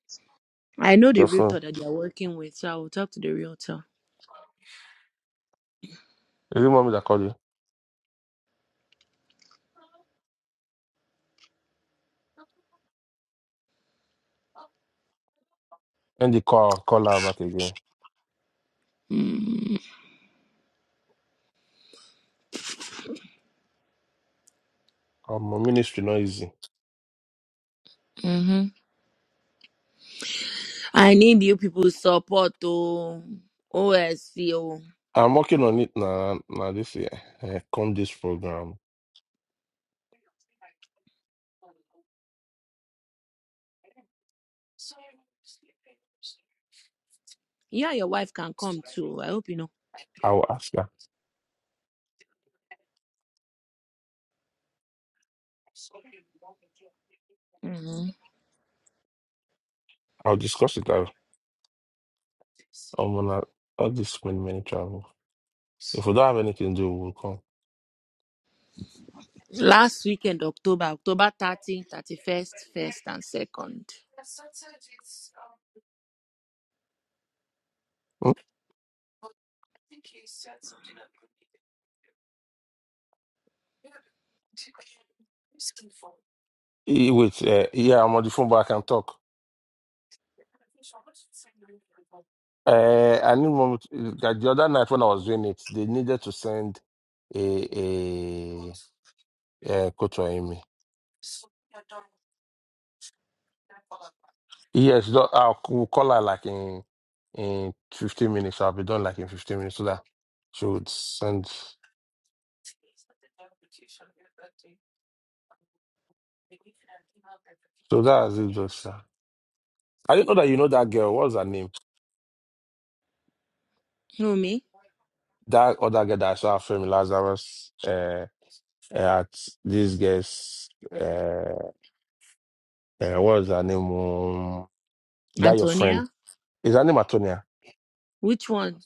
[SPEAKER 1] I know the
[SPEAKER 4] Your phone.
[SPEAKER 1] realtor that they're working with, so I will talk to the realtor.
[SPEAKER 4] Is it mommy that called you? And the call call her back again.
[SPEAKER 1] Mm-hmm.
[SPEAKER 4] Um, my ministry not easy.
[SPEAKER 1] I need you people's support, oh, OSC, oh.
[SPEAKER 4] I'm working on it now. Now this year, uh, come this program,
[SPEAKER 1] Yeah, your wife can come too. I hope you know.
[SPEAKER 4] I will ask her.
[SPEAKER 1] hmm
[SPEAKER 4] I'll discuss it. I'll, I'm gonna all this many many travel. If we don't have anything to do, we'll come.
[SPEAKER 1] Last weekend, October, October 30th, 31st, 1st, and 2nd.
[SPEAKER 4] Hmm? Eh, Wait, uh, yeah, I'm on the phone, but I can talk. Uh, I need moment. That the other night when I was doing it, they needed to send a a, a coach or email. Yes, do- I'll we call her like in in 15 minutes. I'll be done like in 15 minutes so that she would send. So that's it, just sir. I didn't know that you know that girl. What's her name?
[SPEAKER 1] Who, me?
[SPEAKER 4] That other girl that I saw from Lazarus uh, uh, at this girl's. Uh, uh, what's her name? Um, that your friend.
[SPEAKER 1] Antonia?
[SPEAKER 4] Is her name Antonia?
[SPEAKER 1] Which one?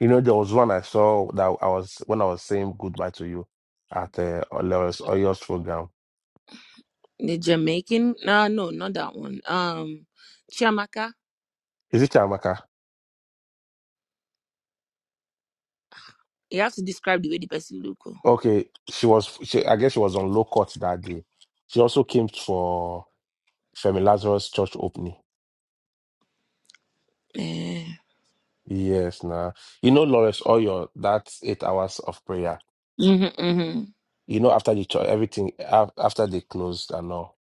[SPEAKER 4] You know, there was one I saw that I was when I was saying goodbye to you at uh, Oyo's Oyo's program.
[SPEAKER 1] The Jamaican? Uh, no, not that one. Um, Chiamaka?
[SPEAKER 4] Is it Chiamaka?
[SPEAKER 1] You have to describe the way the person look. oh.
[SPEAKER 4] Okay, she was. She, I guess she was on low court that day. She also came for Femi Lazarus church opening.
[SPEAKER 1] Eh.
[SPEAKER 4] Yes, nah. You know, Lawrence Oyo. That's eight hours of prayer.
[SPEAKER 1] Mhm, mhm,
[SPEAKER 4] You know, after the church, everything af- after they closed and all.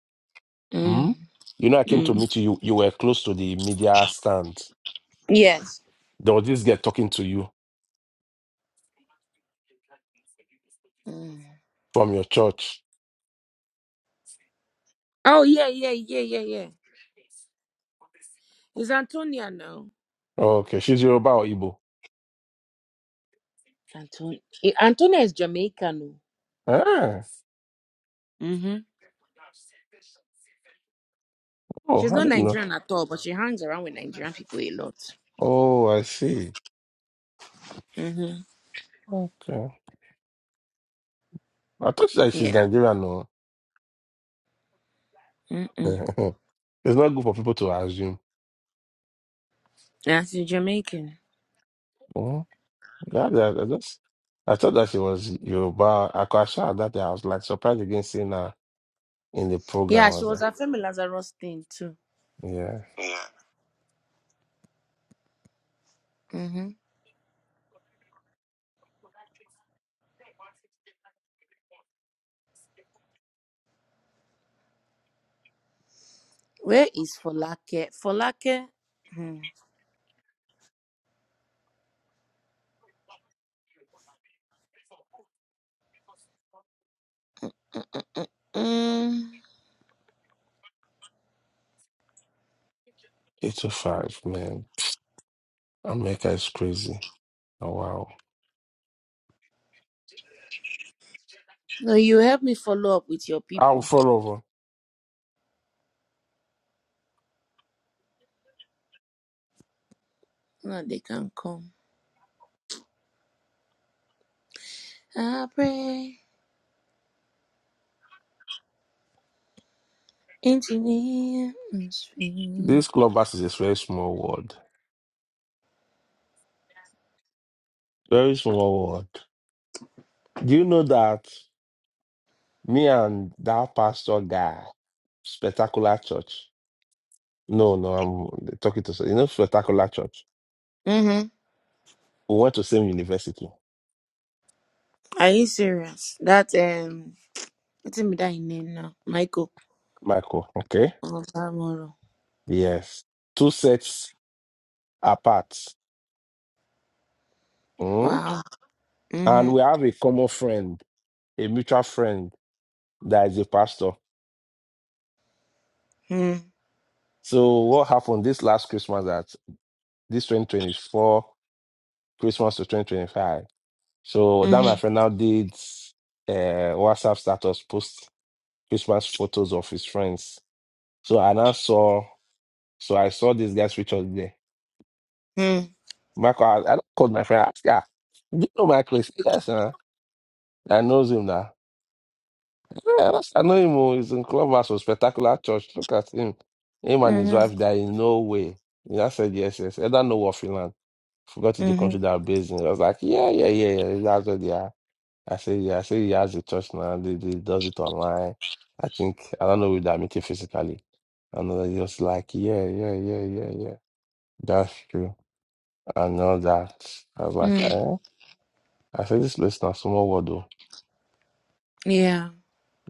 [SPEAKER 4] Hmm?
[SPEAKER 1] mm,
[SPEAKER 4] You know, I came to
[SPEAKER 1] mm.
[SPEAKER 4] meet you. You you were close to the media stand.
[SPEAKER 1] Yes.
[SPEAKER 4] There was this girl talking to you
[SPEAKER 1] Mm.
[SPEAKER 4] from your church.
[SPEAKER 1] Oh yeah, yeah, yeah, yeah, yeah. It's Antonia now.
[SPEAKER 4] Okay, she's Yoruba or Igbo.
[SPEAKER 1] Anton- eh, Antonia is Jamaican.
[SPEAKER 4] Ah,
[SPEAKER 1] oh. mm hmm
[SPEAKER 4] oh,
[SPEAKER 1] She's
[SPEAKER 4] I
[SPEAKER 1] not
[SPEAKER 4] didn't know.
[SPEAKER 1] Nigerian at all, but she hangs around with Nigerian people a lot.
[SPEAKER 4] Oh, I see.
[SPEAKER 1] Mm hmm
[SPEAKER 4] Okay, I thought that she's
[SPEAKER 1] Yeah.
[SPEAKER 4] Nigerian. No.
[SPEAKER 1] Mm-mm.
[SPEAKER 4] It's not good for people to assume.
[SPEAKER 1] Yeah, she's Jamaican.
[SPEAKER 4] Oh, that, that- I just I thought that she was Yoruba. I could assure her that day. I was like surprised again seeing her in the program.
[SPEAKER 1] Yeah,
[SPEAKER 4] I
[SPEAKER 1] she
[SPEAKER 4] was
[SPEAKER 1] was
[SPEAKER 4] like,
[SPEAKER 1] at Femi Lazarus thing too.
[SPEAKER 4] yeah,
[SPEAKER 1] Yeah. hmm Where is Folake? Folake? Hmm. Mm.
[SPEAKER 4] eight to five, man. America is crazy. Oh, wow.
[SPEAKER 1] No, you help me follow up with your
[SPEAKER 4] I'll
[SPEAKER 1] people.
[SPEAKER 4] fall over.
[SPEAKER 1] Now they can come. I pray into the atmosphere.
[SPEAKER 4] This clubhouse is a very small world. Very small world. Do you know that me and that pastor guy, Spectacular Church? No, no, I'm talking to you know Spectacular Church.
[SPEAKER 1] Mm-hmm.
[SPEAKER 4] We went to same university,
[SPEAKER 1] Are you serious? That um, what's in that name now? Michael
[SPEAKER 4] Michael. Okay.
[SPEAKER 1] Olamoro.
[SPEAKER 4] Yes. Two sets apart. Mm.
[SPEAKER 1] Wow.
[SPEAKER 4] And
[SPEAKER 1] Mhm.
[SPEAKER 4] we have a common friend, a mutual friend that is a pastor.
[SPEAKER 1] Mhm.
[SPEAKER 4] So what happened this last Christmas that this 2024 Christmas to 2025? So that my
[SPEAKER 1] Mhm.
[SPEAKER 4] friend now did uh WhatsApp status post Christmas photos of his friends. So I now saw so I saw this guy's picture there.
[SPEAKER 1] Mhm.
[SPEAKER 4] Michael, I, I called my friend, I asked, yeah, do you know Michael? He said, Yes, sir. I knows him now. Yeah, that's, I know him. oh, He's in Clubhouse for Spectacular Church. Look at him. Him and his
[SPEAKER 1] Mhm.
[SPEAKER 4] wife, there is no way. Yeah, I said, yes, yes. I don't know what Finland. Forgot the country
[SPEAKER 1] Mhm.
[SPEAKER 4] they are based in. I was like, yeah, yeah, yeah, yeah. That's what they are. I said, yeah, I said he has a church now. They, they does it online. I think, I don't know if they meet it physically. And they was like, yeah, yeah, yeah, yeah, yeah. That's true. I know that. I was like,
[SPEAKER 1] Mhm.
[SPEAKER 4] eh? I said, this place now, small world, though.
[SPEAKER 1] Yeah.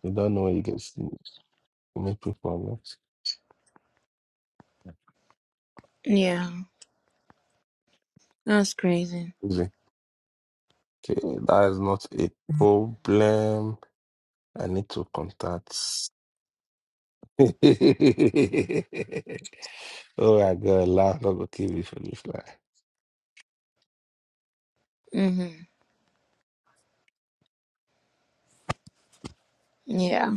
[SPEAKER 4] You don't know where you get to meet people.
[SPEAKER 1] Yeah. That's crazy.
[SPEAKER 4] man. Okay, that is not a problem. I need to contact. oh my God, laugh not gonna kill me for this line.
[SPEAKER 1] Mhm. Yeah.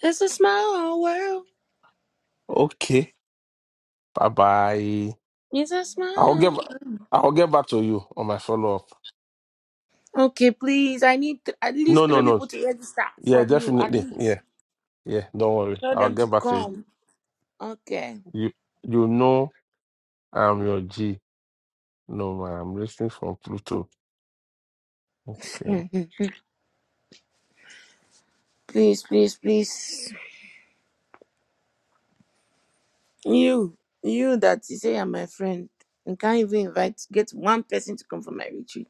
[SPEAKER 1] It's a small world.
[SPEAKER 4] Okay, bye bye.
[SPEAKER 1] It's a
[SPEAKER 4] I'll get
[SPEAKER 1] small.
[SPEAKER 4] ba- I'll get back to you on my follow up.
[SPEAKER 1] Okay, please. I need th- at
[SPEAKER 4] No,
[SPEAKER 1] least
[SPEAKER 4] no,
[SPEAKER 1] three
[SPEAKER 4] no.
[SPEAKER 1] people to register
[SPEAKER 4] Yeah,
[SPEAKER 1] from you. At
[SPEAKER 4] definitely.
[SPEAKER 1] least
[SPEAKER 4] Yeah, yeah. Don't worry.
[SPEAKER 1] tell
[SPEAKER 4] I'll
[SPEAKER 1] them to
[SPEAKER 4] get back to you.
[SPEAKER 1] come. Okay.
[SPEAKER 4] You you know I'm your G. No man, I'm listening from Pluto. Okay.
[SPEAKER 1] Mhm. Please, please, please. You, you that you say you're my friend and can't even invite, get one person to come for my retreat.